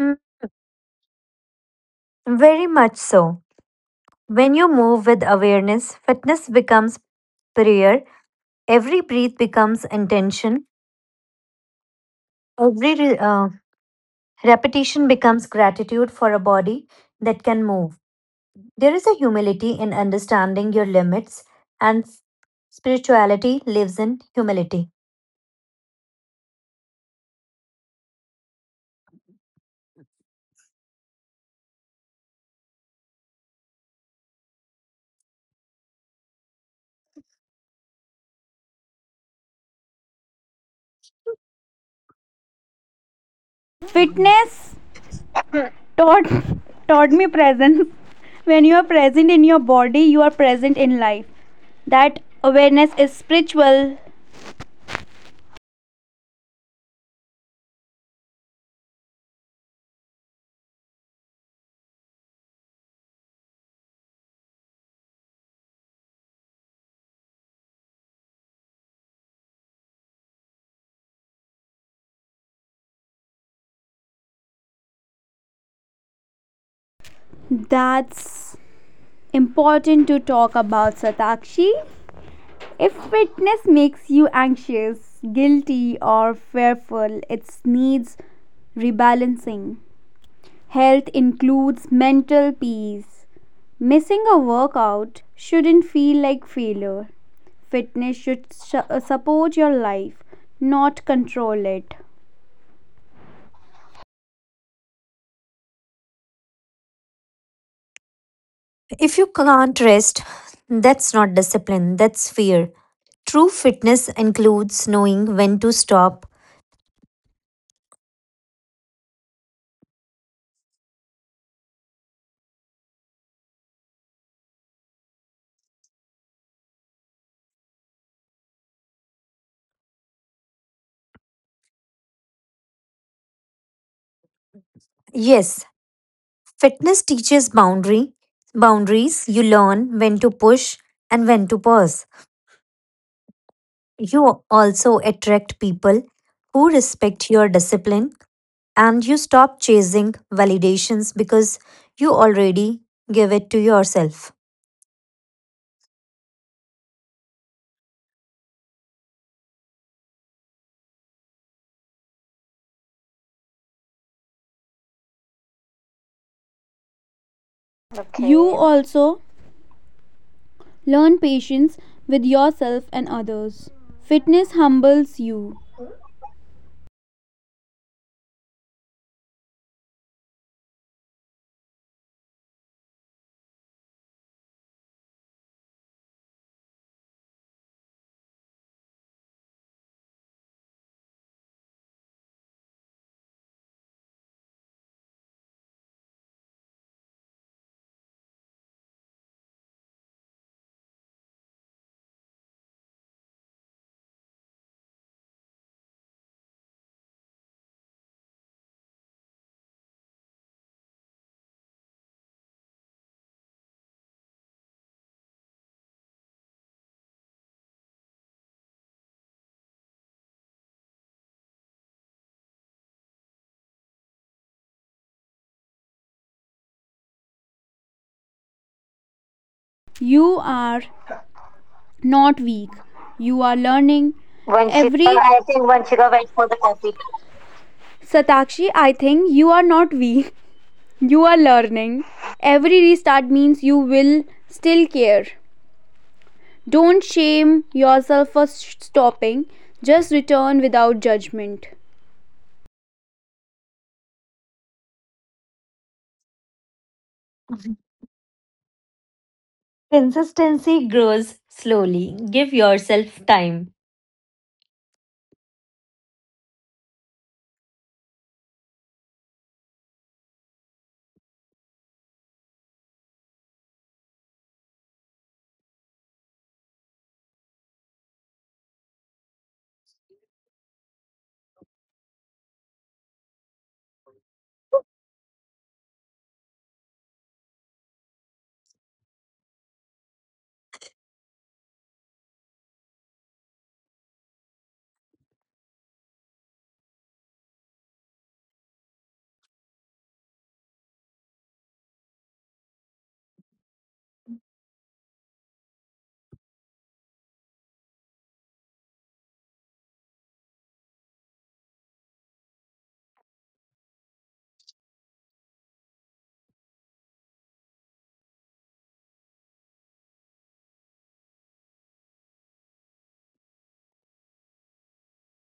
Mm, very much so. When you move with awareness, fitness becomes prayer. Every breath becomes intention. Every re- uh, repetition becomes gratitude for a body that can move. There is a humility in understanding your limits, and spirituality lives in humility. Fitness taught, (laughs) taught me presence. When you are present in your body, you are present in life. That awareness is spiritual. That's important to talk about, Satakshi. If fitness makes you anxious, guilty, or fearful, it needs rebalancing. Health includes mental peace. Missing a workout shouldn't feel like failure. Fitness should su- uh, support your life, not control it. If you can't rest, that's not discipline, that's fear. True fitness includes knowing when to stop. Yes, fitness teaches boundary boundaries. You learn when to push and when to pause. You also attract people who respect your discipline and you stop chasing validations because you already give it to yourself. Okay. You also learn patience with yourself and others. Fitness humbles you. You are not weak. You are learning. Vanshika, Every- I think Vanshika went for the coffee. Satakshi, I think you are not weak. (laughs) You are learning. Every restart means you will still care. Don't shame yourself for s- stopping. Just return without judgment. Consistency grows slowly. Give yourself time.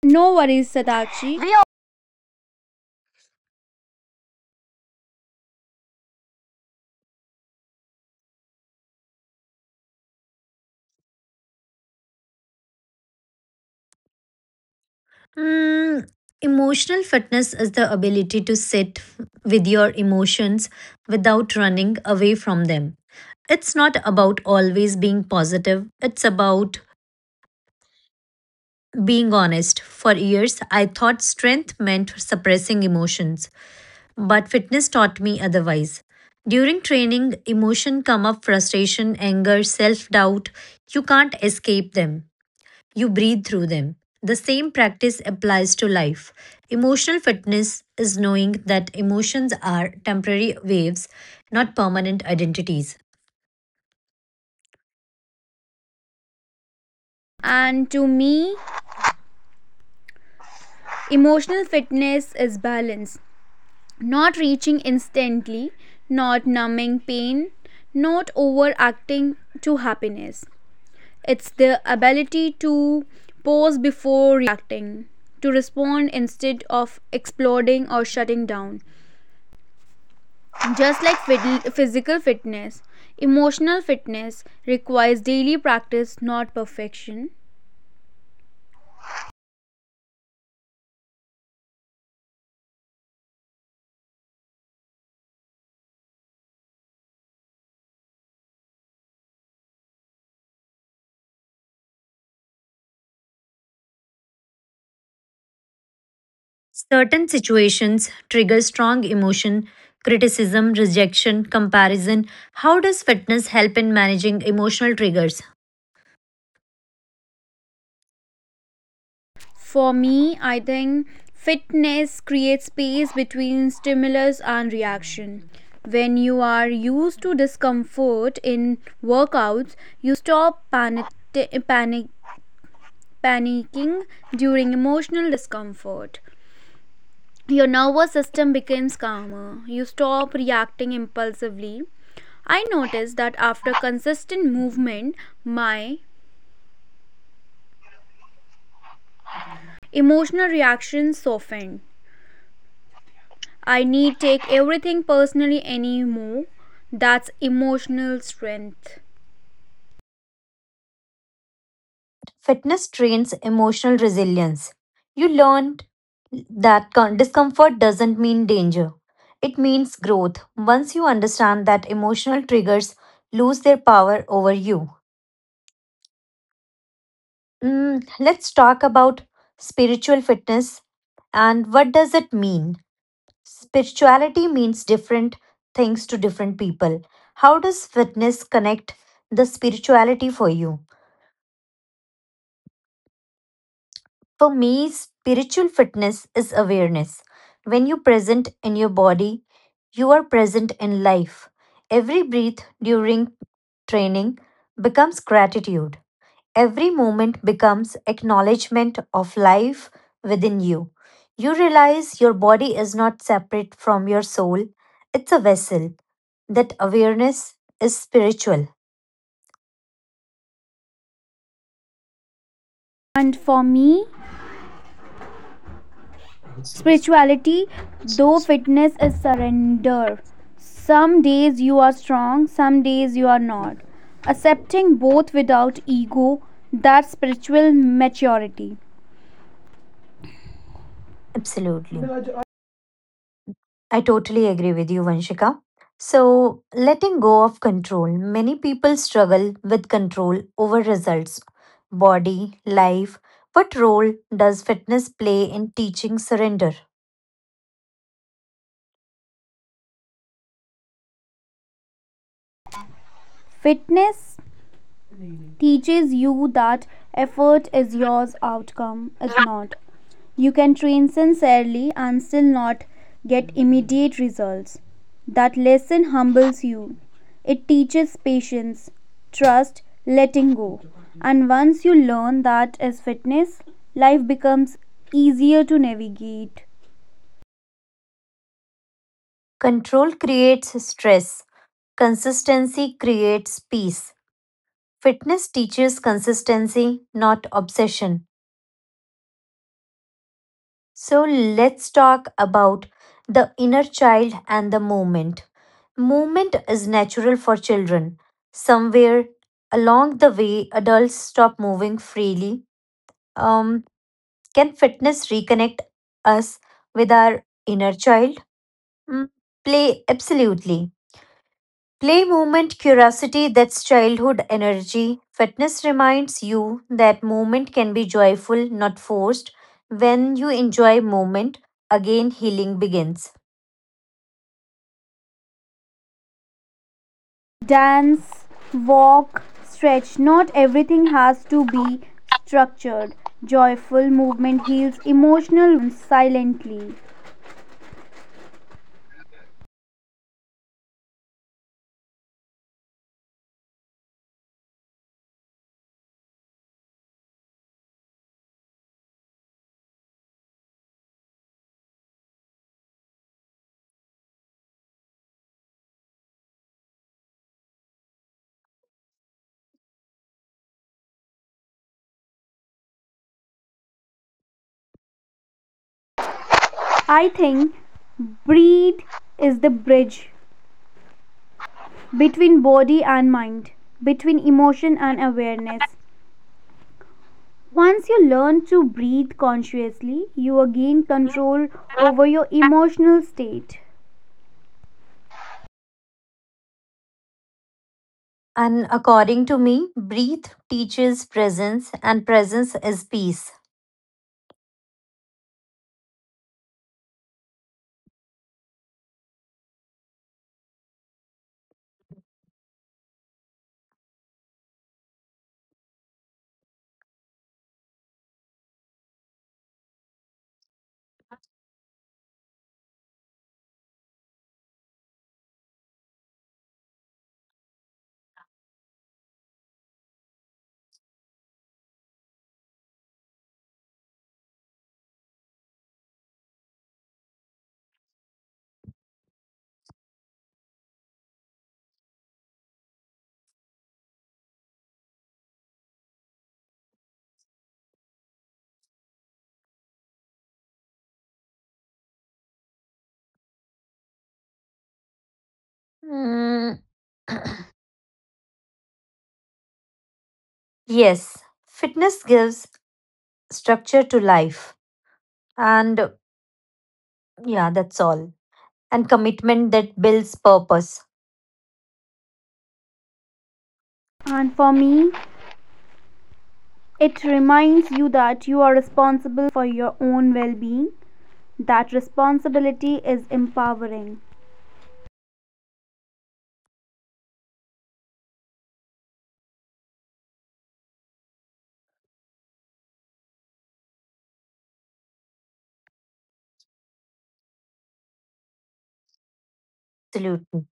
No worries, Satakshi. Mm, emotional fitness is the ability to sit with your emotions without running away from them. It's not about always being positive, it's about being honest. For years, I thought strength meant suppressing emotions, but fitness taught me otherwise. During training, emotion come up frustration, anger, self-doubt. You can't escape them, you breathe through them. The same practice applies to life. Emotional fitness is knowing that emotions are temporary waves, not permanent identities. And to me, emotional fitness is balance, not reaching instantly, not numbing pain, not overacting to happiness. It's the ability to pause before reacting, to respond instead of exploding or shutting down. Just like fit- physical fitness, emotional fitness requires daily practice, not perfection. Certain situations trigger strong emotion, criticism, rejection, comparison. How does fitness help in managing emotional triggers? For me, I think fitness creates space between stimulus and reaction. When you are used to discomfort in workouts, you stop panic, panic, panicking during emotional discomfort. Your nervous system becomes calmer. You stop reacting impulsively. I noticed that after consistent movement, my emotional reactions softened. I need take everything personally anymore. That's emotional strength. Fitness trains emotional resilience. You learned that con- discomfort doesn't mean danger, it means growth. Once you understand that, emotional triggers lose their power over you. Mm, let's talk about spiritual fitness and what does it mean? Spirituality means different things to different people. How does fitness connect the spirituality for you? For me, spiritual fitness is awareness. When you present in your body, you are present in life. Every breath during training becomes gratitude. Every moment becomes acknowledgement of life within you. You realize your body is not separate from your soul, it's a vessel. That awareness is spiritual. And for me, spirituality, though fitness is surrender. Some days you are strong, some days you are not. Accepting both without ego, that's spiritual maturity. Absolutely. I totally agree with you, Vanshika. So, letting go of control. Many people struggle with control over results, body, life. What role does fitness play in teaching surrender? Fitness teaches you that effort is yours, outcome is not. You can train sincerely and still not get immediate results. That lesson humbles you. It teaches patience, trust, letting go. And once you learn that as fitness, life becomes easier to navigate. Control creates stress, consistency creates peace. Fitness teaches consistency, not obsession. So let's talk about the inner child and the movement. Movement is natural for children. Somewhere along the way, adults stop moving freely. Um, can fitness reconnect us with our inner child? Mm, play, absolutely. Play, movement, curiosity, that's childhood energy. Fitness reminds you that movement can be joyful, not forced. When you enjoy movement, again healing begins. Dance, walk, stretch. Not everything has to be structured. Joyful movement heals emotional silently. I think breathe is the bridge between body and mind, between emotion and awareness. Once you learn to breathe consciously, you again control over your emotional state. And according to me, breathe teaches presence, and presence is peace. Mm, (coughs) (clears throat) yes, fitness gives structure to life. And yeah, that's all. And commitment that builds purpose. And for me, it reminds you that you are responsible for your own well being. That responsibility is empowering. Absolutely.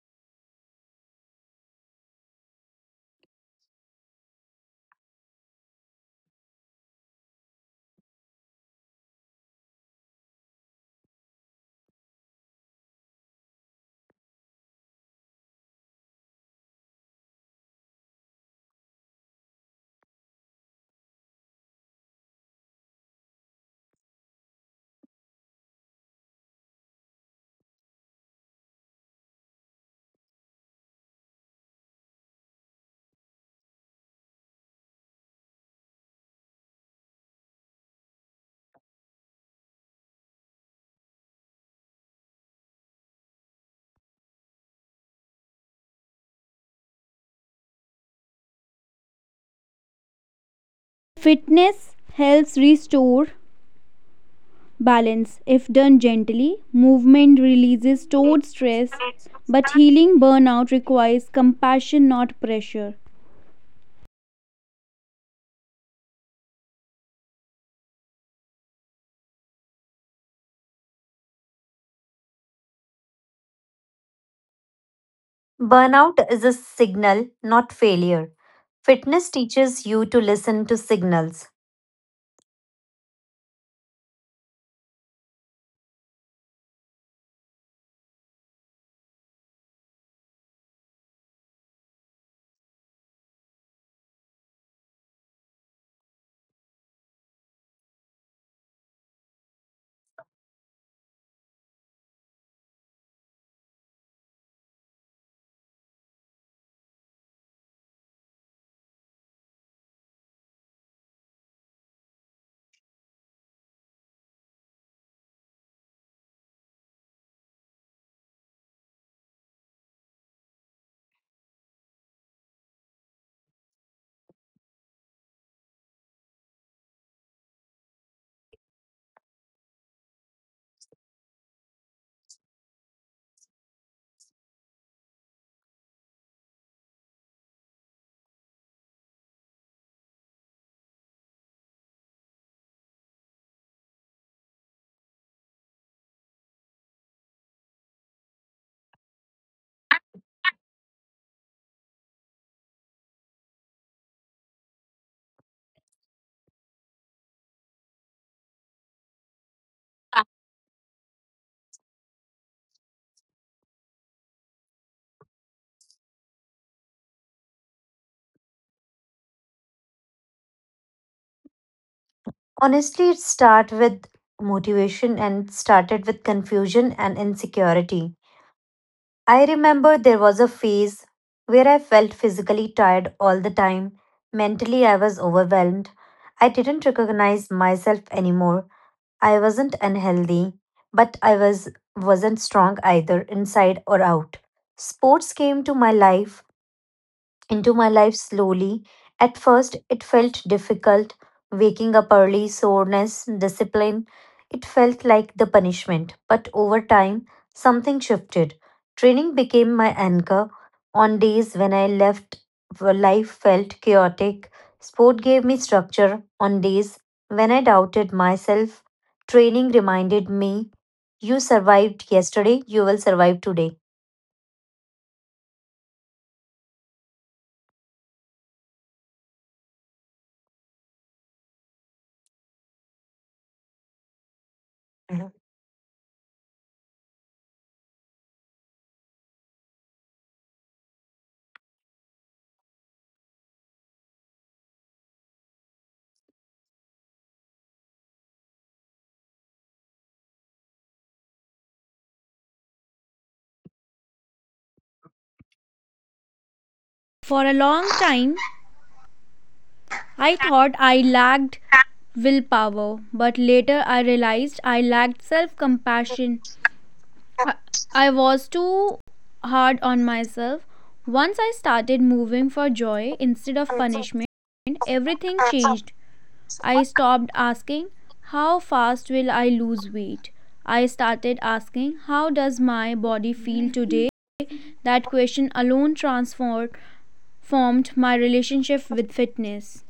Fitness helps restore balance if done gently. Movement releases stored stress, but healing burnout requires compassion, not pressure. Burnout is a signal, not failure. Fitness teaches you to listen to signals. Honestly, it started with motivation and started with confusion and insecurity. I remember there was a phase where I felt physically tired all the time. Mentally, I was overwhelmed. I didn't recognize myself anymore. I wasn't unhealthy, but I was wasn't strong either inside or out. Sports came to my life into my life slowly. At first, it felt difficult, waking up early, soreness, discipline. It felt like the punishment. But over time, something shifted. Training became my anchor. On days when I left, where life felt chaotic, sport gave me structure. On days when I doubted myself, training reminded me you survived yesterday, you will survive today. For a long time, I thought I lacked willpower, but later I realized I lacked self compassion. I, I was too hard on myself. Once I started moving for joy instead of punishment, everything changed. I stopped asking, how fast will I lose weight? I started asking, how does my body feel today? That question alone transformed formed my relationship with fitness.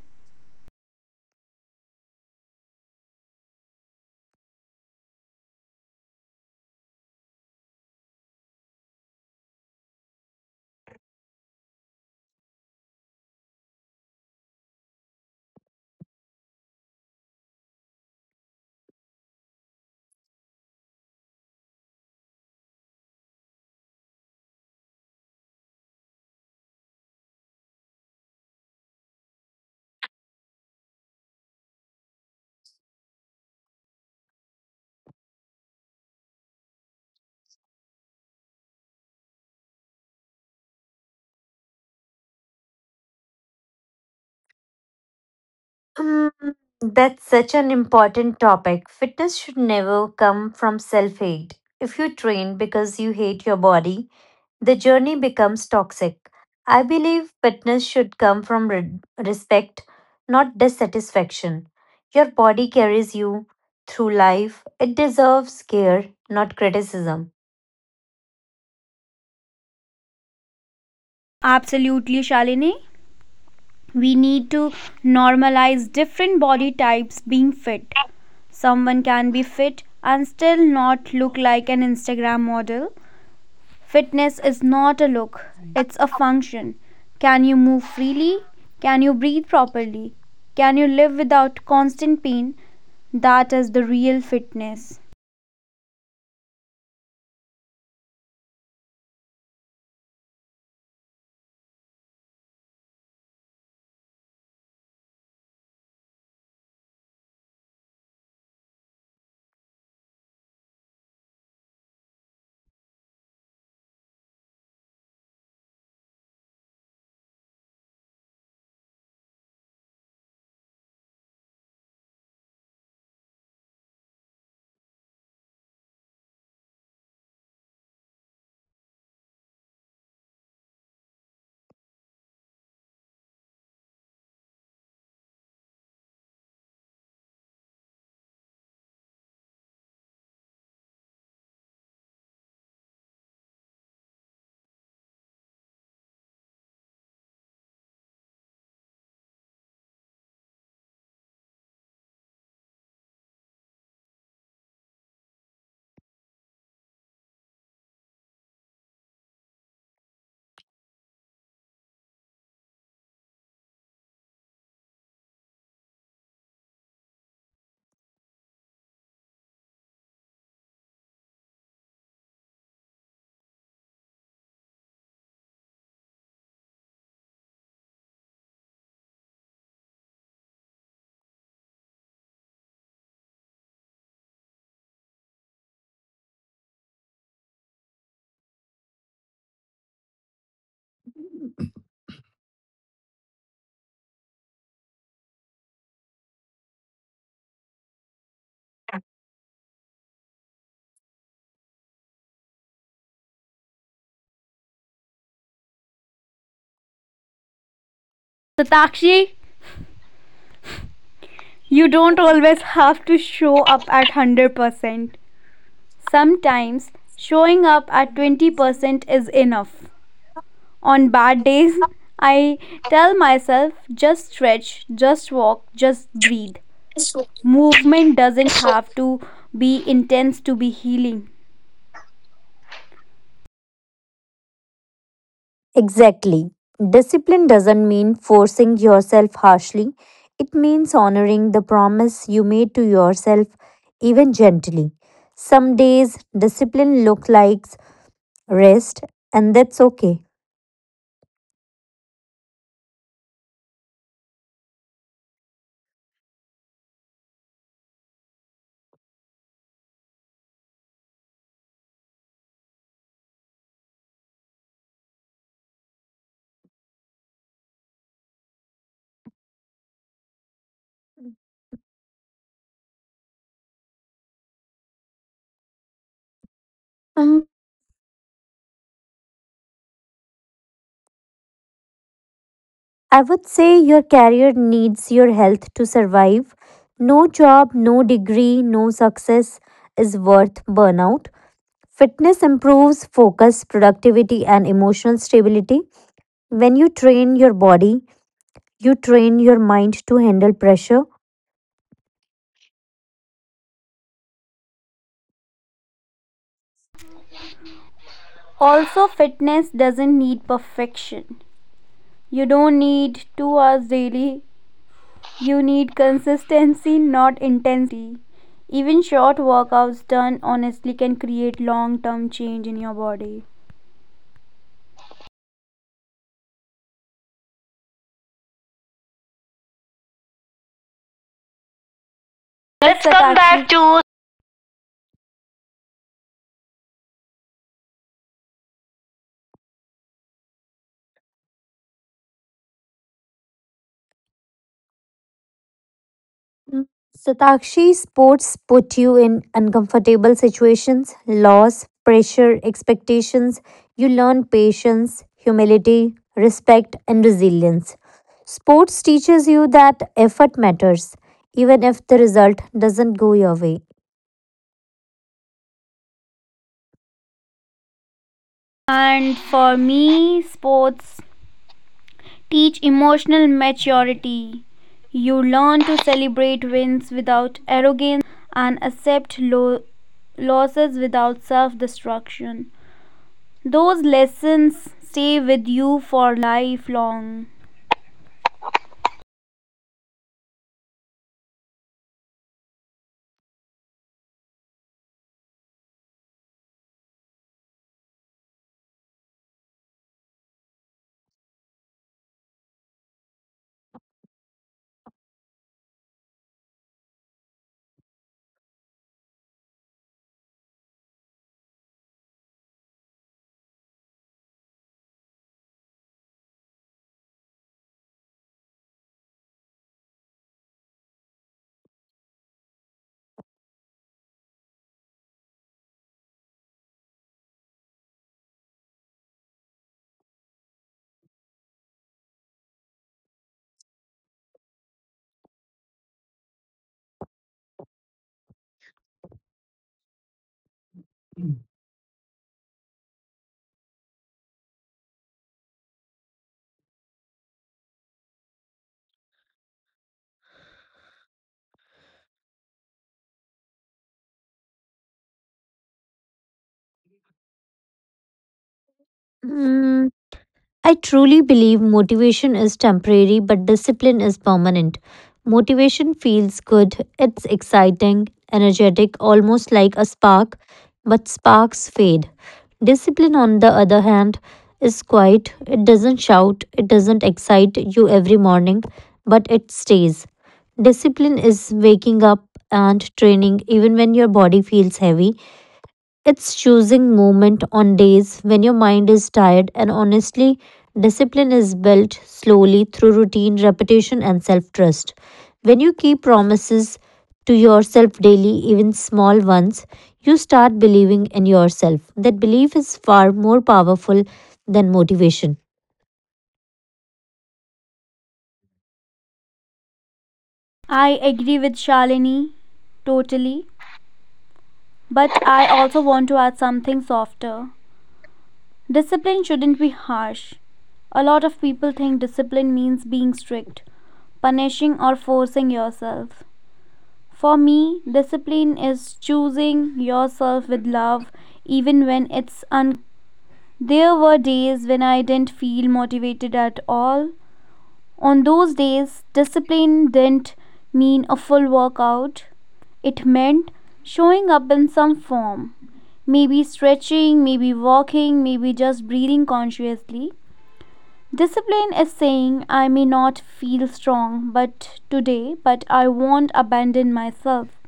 Mm, that's such an important topic. Fitness should never come from self hate. If you train because you hate your body, the journey becomes toxic. I believe fitness should come from re- respect, not dissatisfaction. Your body carries you through life, it deserves care, not criticism. Absolutely, Shalini. We need to normalize different body types being fit. Someone can be fit and still not look like an Instagram model. Fitness is not a look, it's a function. Can you move freely? Can you breathe properly? Can you live without constant pain? That is the real fitness. Satakshi, you don't always have to show up at one hundred percent. Sometimes showing up at twenty percent is enough. On bad days, I tell myself just stretch, just walk, just breathe. Movement doesn't have to be intense to be healing. Exactly. Discipline doesn't mean forcing yourself harshly, it means honoring the promise you made to yourself, even gently. Some days, discipline looks like rest, and that's okay. I would say your career needs your health to survive. No job, no degree, no success is worth burnout. Fitness improves focus, productivity, and emotional stability. When you train your body, you train your mind to handle pressure. Also, fitness doesn't need perfection. You don't need two hours daily, you need consistency, not intensity. Even short workouts done honestly can create long term change in your body. Let's Let's come back. Mm. Satakshi, sports put you in uncomfortable situations, loss, pressure, expectations. You learn patience, humility, respect, and resilience. Sports teaches you that effort matters, even if the result doesn't go your way. And for me, sports teach emotional maturity. You learn to celebrate wins without arrogance and accept lo- losses without self destruction. Those lessons stay with you for lifelong. Mm. I truly believe motivation is temporary, but discipline is permanent. Motivation feels good, it's exciting, energetic, almost like a spark, but sparks fade. Discipline, on the other hand, is quiet, it doesn't shout, it doesn't excite you every morning, but it stays. Discipline is waking up and training even when your body feels heavy, it's choosing movement on days when your mind is tired, and honestly, discipline is built slowly through routine, repetition, and self trust. When you keep promises to yourself daily, even small ones, you start believing in yourself. That belief is far more powerful than motivation. I agree with Shalini totally, but I also want to add something softer. Discipline shouldn't be harsh. A lot of people think discipline means being strict, punishing or forcing yourself. For me, discipline is choosing yourself with love, even when it's. There were days when I didn't feel motivated at all. On those days, discipline didn't mean a full workout. It meant showing up in some form. Maybe stretching, maybe walking, maybe just breathing consciously. Discipline is saying, I may not feel strong but today, but I won't abandon myself.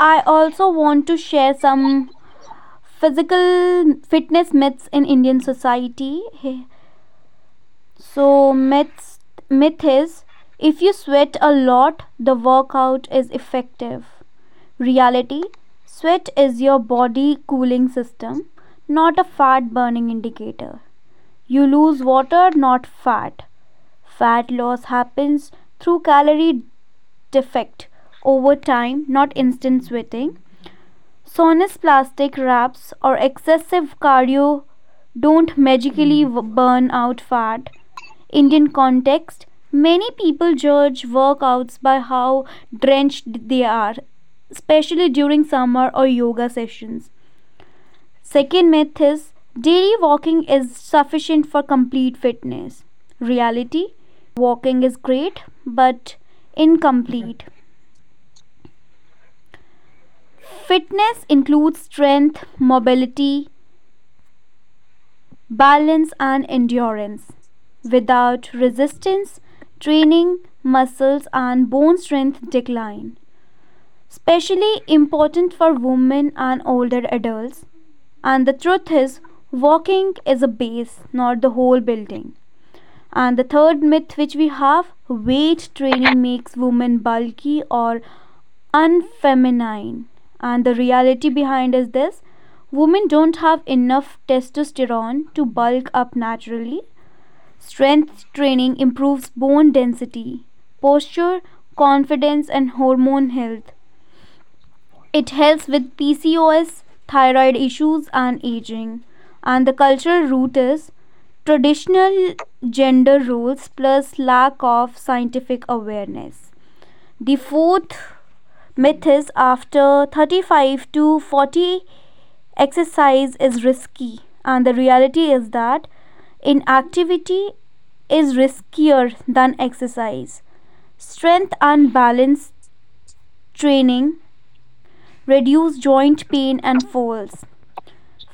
I also want to share some physical fitness myths in Indian society. So, myths myth is, if you sweat a lot, the workout is effective. Reality: sweat is your body cooling system, not a fat burning indicator. You lose water, not fat. Fat loss happens through calorie defect over time, not instant sweating. Sonus plastic wraps or excessive cardio don't magically burn out fat. Indian context: many people judge workouts by how drenched they are, especially during summer or yoga sessions. Second myth is, daily walking is sufficient for complete fitness. Reality: walking is great but incomplete. Fitness includes strength, mobility, balance, and endurance. Without resistance, training, muscles, and bone strength decline. Especially important for women and older adults. And the truth is, walking is a base, not the whole building. And the third myth which we have, weight training makes women bulky or unfeminine. And the reality behind is this: women don't have enough testosterone to bulk up naturally. Strength training improves bone density, posture, confidence, and hormone health. It helps with P C O S, thyroid issues, and aging. And the cultural root is traditional gender roles plus lack of scientific awareness. The fourth myth is, after thirty-five to forty exercise is risky, and the reality is that inactivity is riskier than exercise. Strength and balance training reduce joint pain and falls.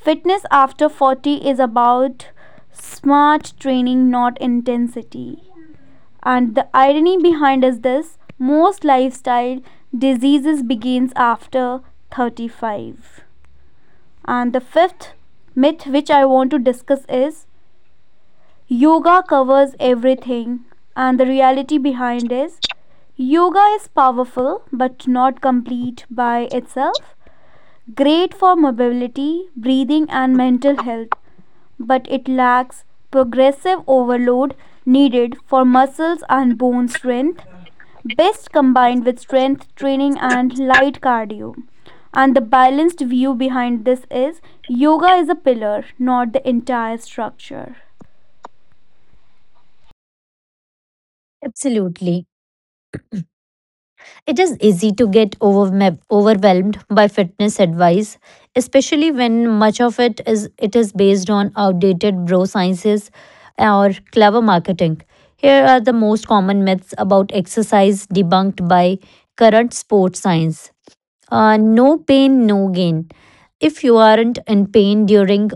Fitness after forty is about smart training, not intensity. And the irony behind is this: most lifestyle diseases begins after thirty-five. And the fifth myth which I want to discuss is, yoga covers everything. And the reality behind is, yoga is powerful but not complete by itself. Great for mobility, breathing and mental health, but it lacks progressive overload needed for muscles and bone strength. Best combined with strength training and light cardio. And the balanced view behind this is, yoga is a pillar, not the entire structure. Absolutely. It is easy to get overme- overwhelmed by fitness advice, especially when much of it is it is based on outdated bro sciences or clever marketing. Here are the most common myths about exercise debunked by current sports science. Uh, no pain, no gain. If you aren't in pain during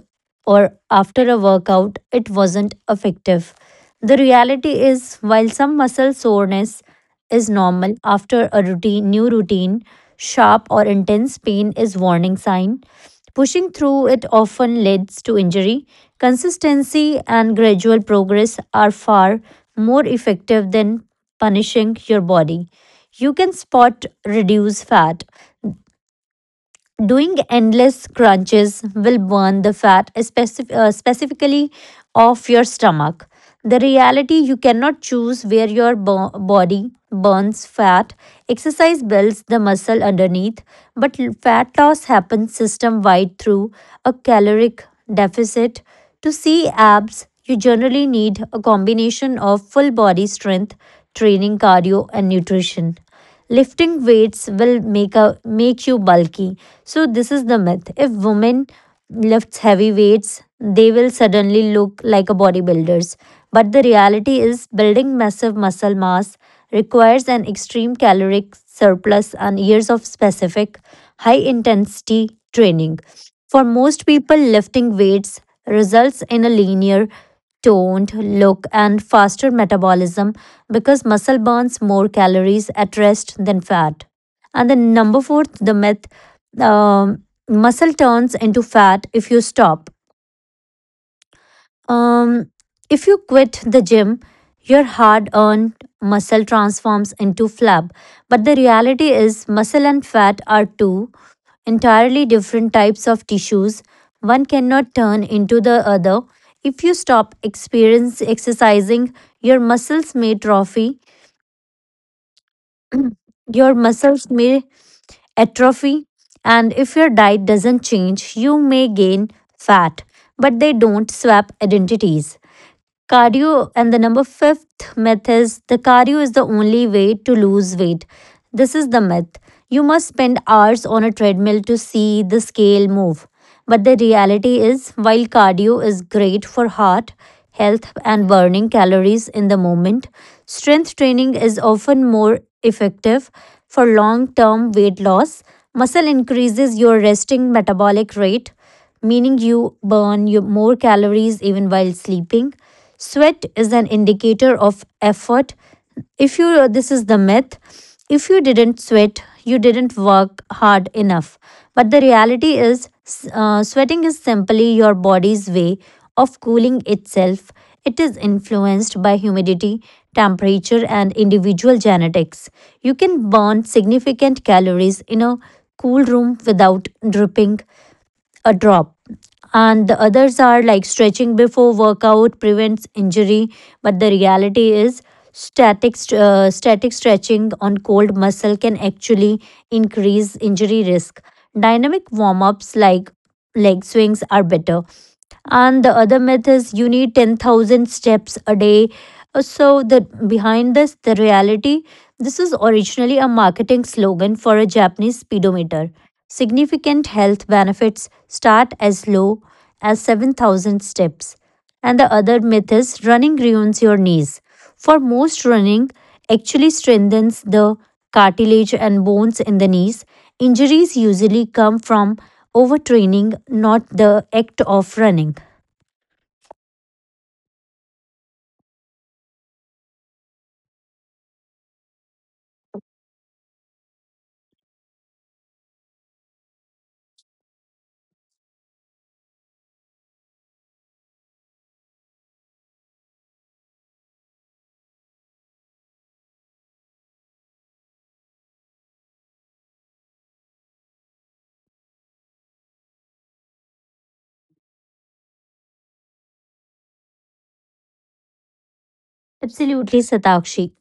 or after a workout, it wasn't effective. The reality is, while some muscle soreness is normal after a routine, new routine, sharp or intense pain is warning sign. Pushing through it often leads to injury. Consistency and gradual progress are far more effective than punishing your body. You can spot reduce fat. Doing endless crunches will burn the fat specif- uh, specifically off your stomach. The reality, you cannot choose where your bo- body burns fat. Exercise builds the muscle underneath, but l- fat loss happens system wide through a caloric deficit. To see abs, you generally need a combination of full body strength, training, cardio, and nutrition. Lifting weights will make a make you bulky. So this is the myth. If women lifts heavy weights, they will suddenly look like a bodybuilders. But the reality is building massive muscle mass requires an extreme caloric surplus and years of specific high intensity training. For most people, lifting weights results in a linear toned look and faster metabolism because muscle burns more calories at rest than fat. And then, number four, the myth, um, muscle turns into fat if you stop. Um, if you quit the gym, your hard earned muscle transforms into flab. But the reality is, muscle and fat are two entirely different types of tissues. One cannot turn into the other. If you stop experience exercising, your muscles may atrophy, your muscles may atrophy, and if your diet doesn't change, you may gain fat. But they don't swap identities. Cardio, and the number fifth myth is, the cardio is the only way to lose weight. This is the myth. You must spend hours on a treadmill to see the scale move. But the reality is, while cardio is great for heart health and burning calories in the moment, strength training is often more effective for long term weight loss. Muscle increases your resting metabolic rate, meaning you burn your more calories even while sleeping. Sweat is an indicator of effort. If you, this is the myth, if you didn't sweat, you didn't work hard enough. But the reality is, uh, sweating is simply your body's way of cooling itself. It is influenced by humidity, temperature, and individual genetics. You can burn significant calories in a cool room without dripping a drop. And the others are like, stretching before workout prevents injury, but the reality is, static st- uh, static stretching on cold muscle can actually increase injury risk. Dynamic warm ups like leg swings are better. And the other myth is, you need ten thousand steps a day. Uh, so the behind this, the reality, this is originally a marketing slogan for a japanese speedometer. Significant health benefits start as low as seven thousand steps. And the other myth is, running ruins your knees. For most, running actually strengthens the cartilage and bones in the knees. Injuries usually come from overtraining, not the act of running. Absolutely, Satakshi.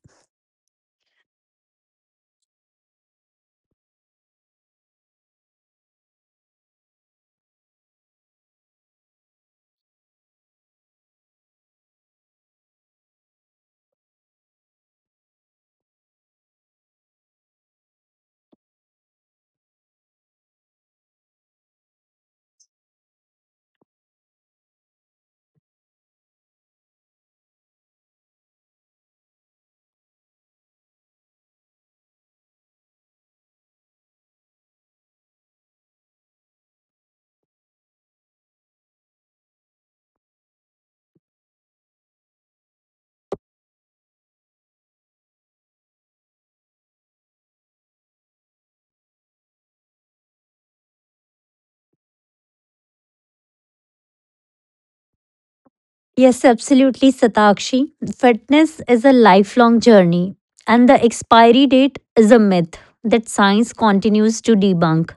Yes, absolutely, Satakshi. Fitness is a lifelong journey. And the expiry date is a myth that science continues to debunk.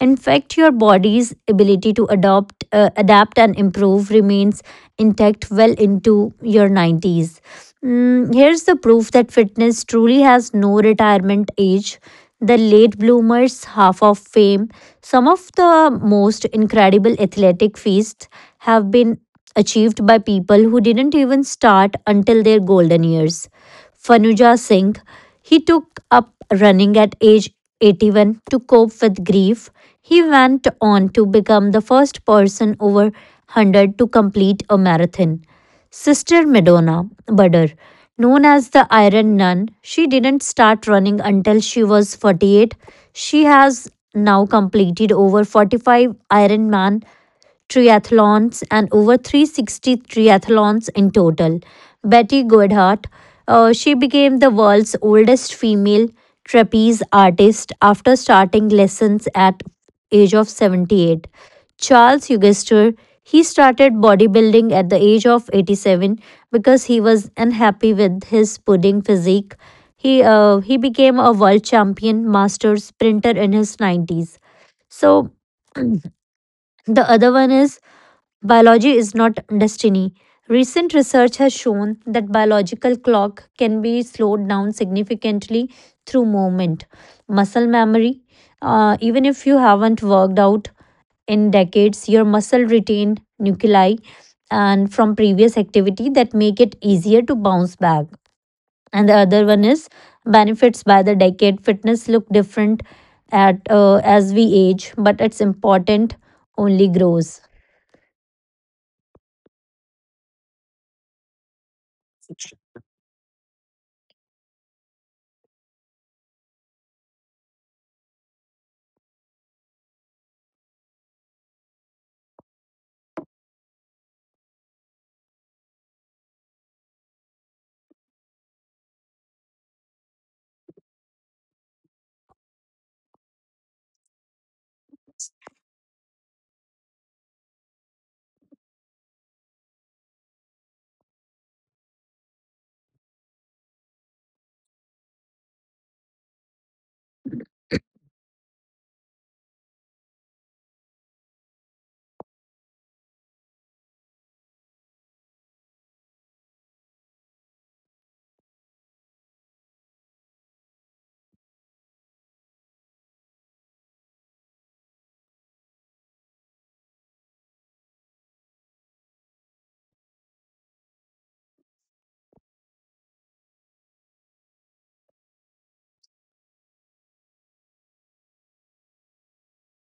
In fact, your body's ability to adopt, uh, adapt and improve remains intact well into your nineties. Mm, here's the proof that fitness truly has no retirement age. The late bloomers, half of fame, some of the most incredible athletic feats have been achieved by people who didn't even start until their golden years. Fanuja Singh. He took up running at age eighty-one to cope with grief. He went on to become the first person over one hundred to complete a marathon. Sister Madonna Butter, known as the Iron Nun, she didn't start running until she was forty-eight. She has now completed over forty-five Ironman triathlons and over three hundred sixty triathlons in total. Betty Goodhart, uh, she became the world's oldest female trapeze artist after starting lessons at age of seventy-eight. Charles Eugester, he started bodybuilding at the age of eighty-seven because he was unhappy with his pudding physique. He uh, he became a world champion master sprinter in his nineties. So (clears throat) the other one is, biology is not destiny. Recent research has shown that biological clock can be slowed down significantly through movement, muscle memory. Uh, even if you haven't worked out in decades, your muscle retained nuclei and from previous activity that make it easier to bounce back. And the other one is benefits by the decade. Fitness look different at uh, as we age, but it's important only grows.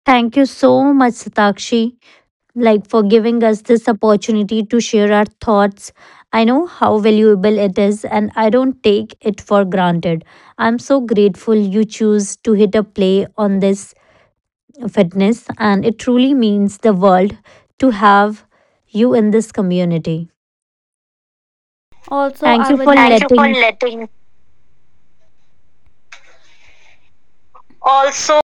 Thank you so much, Satakshi, like for giving us this opportunity to share our thoughts. I know how valuable it is and I don't take it for granted. I'm so grateful you choose to hit a play on this fitness and it truly means the world to have you in this community. Also, Thank I you would for like. Thank you for letting letting. Also,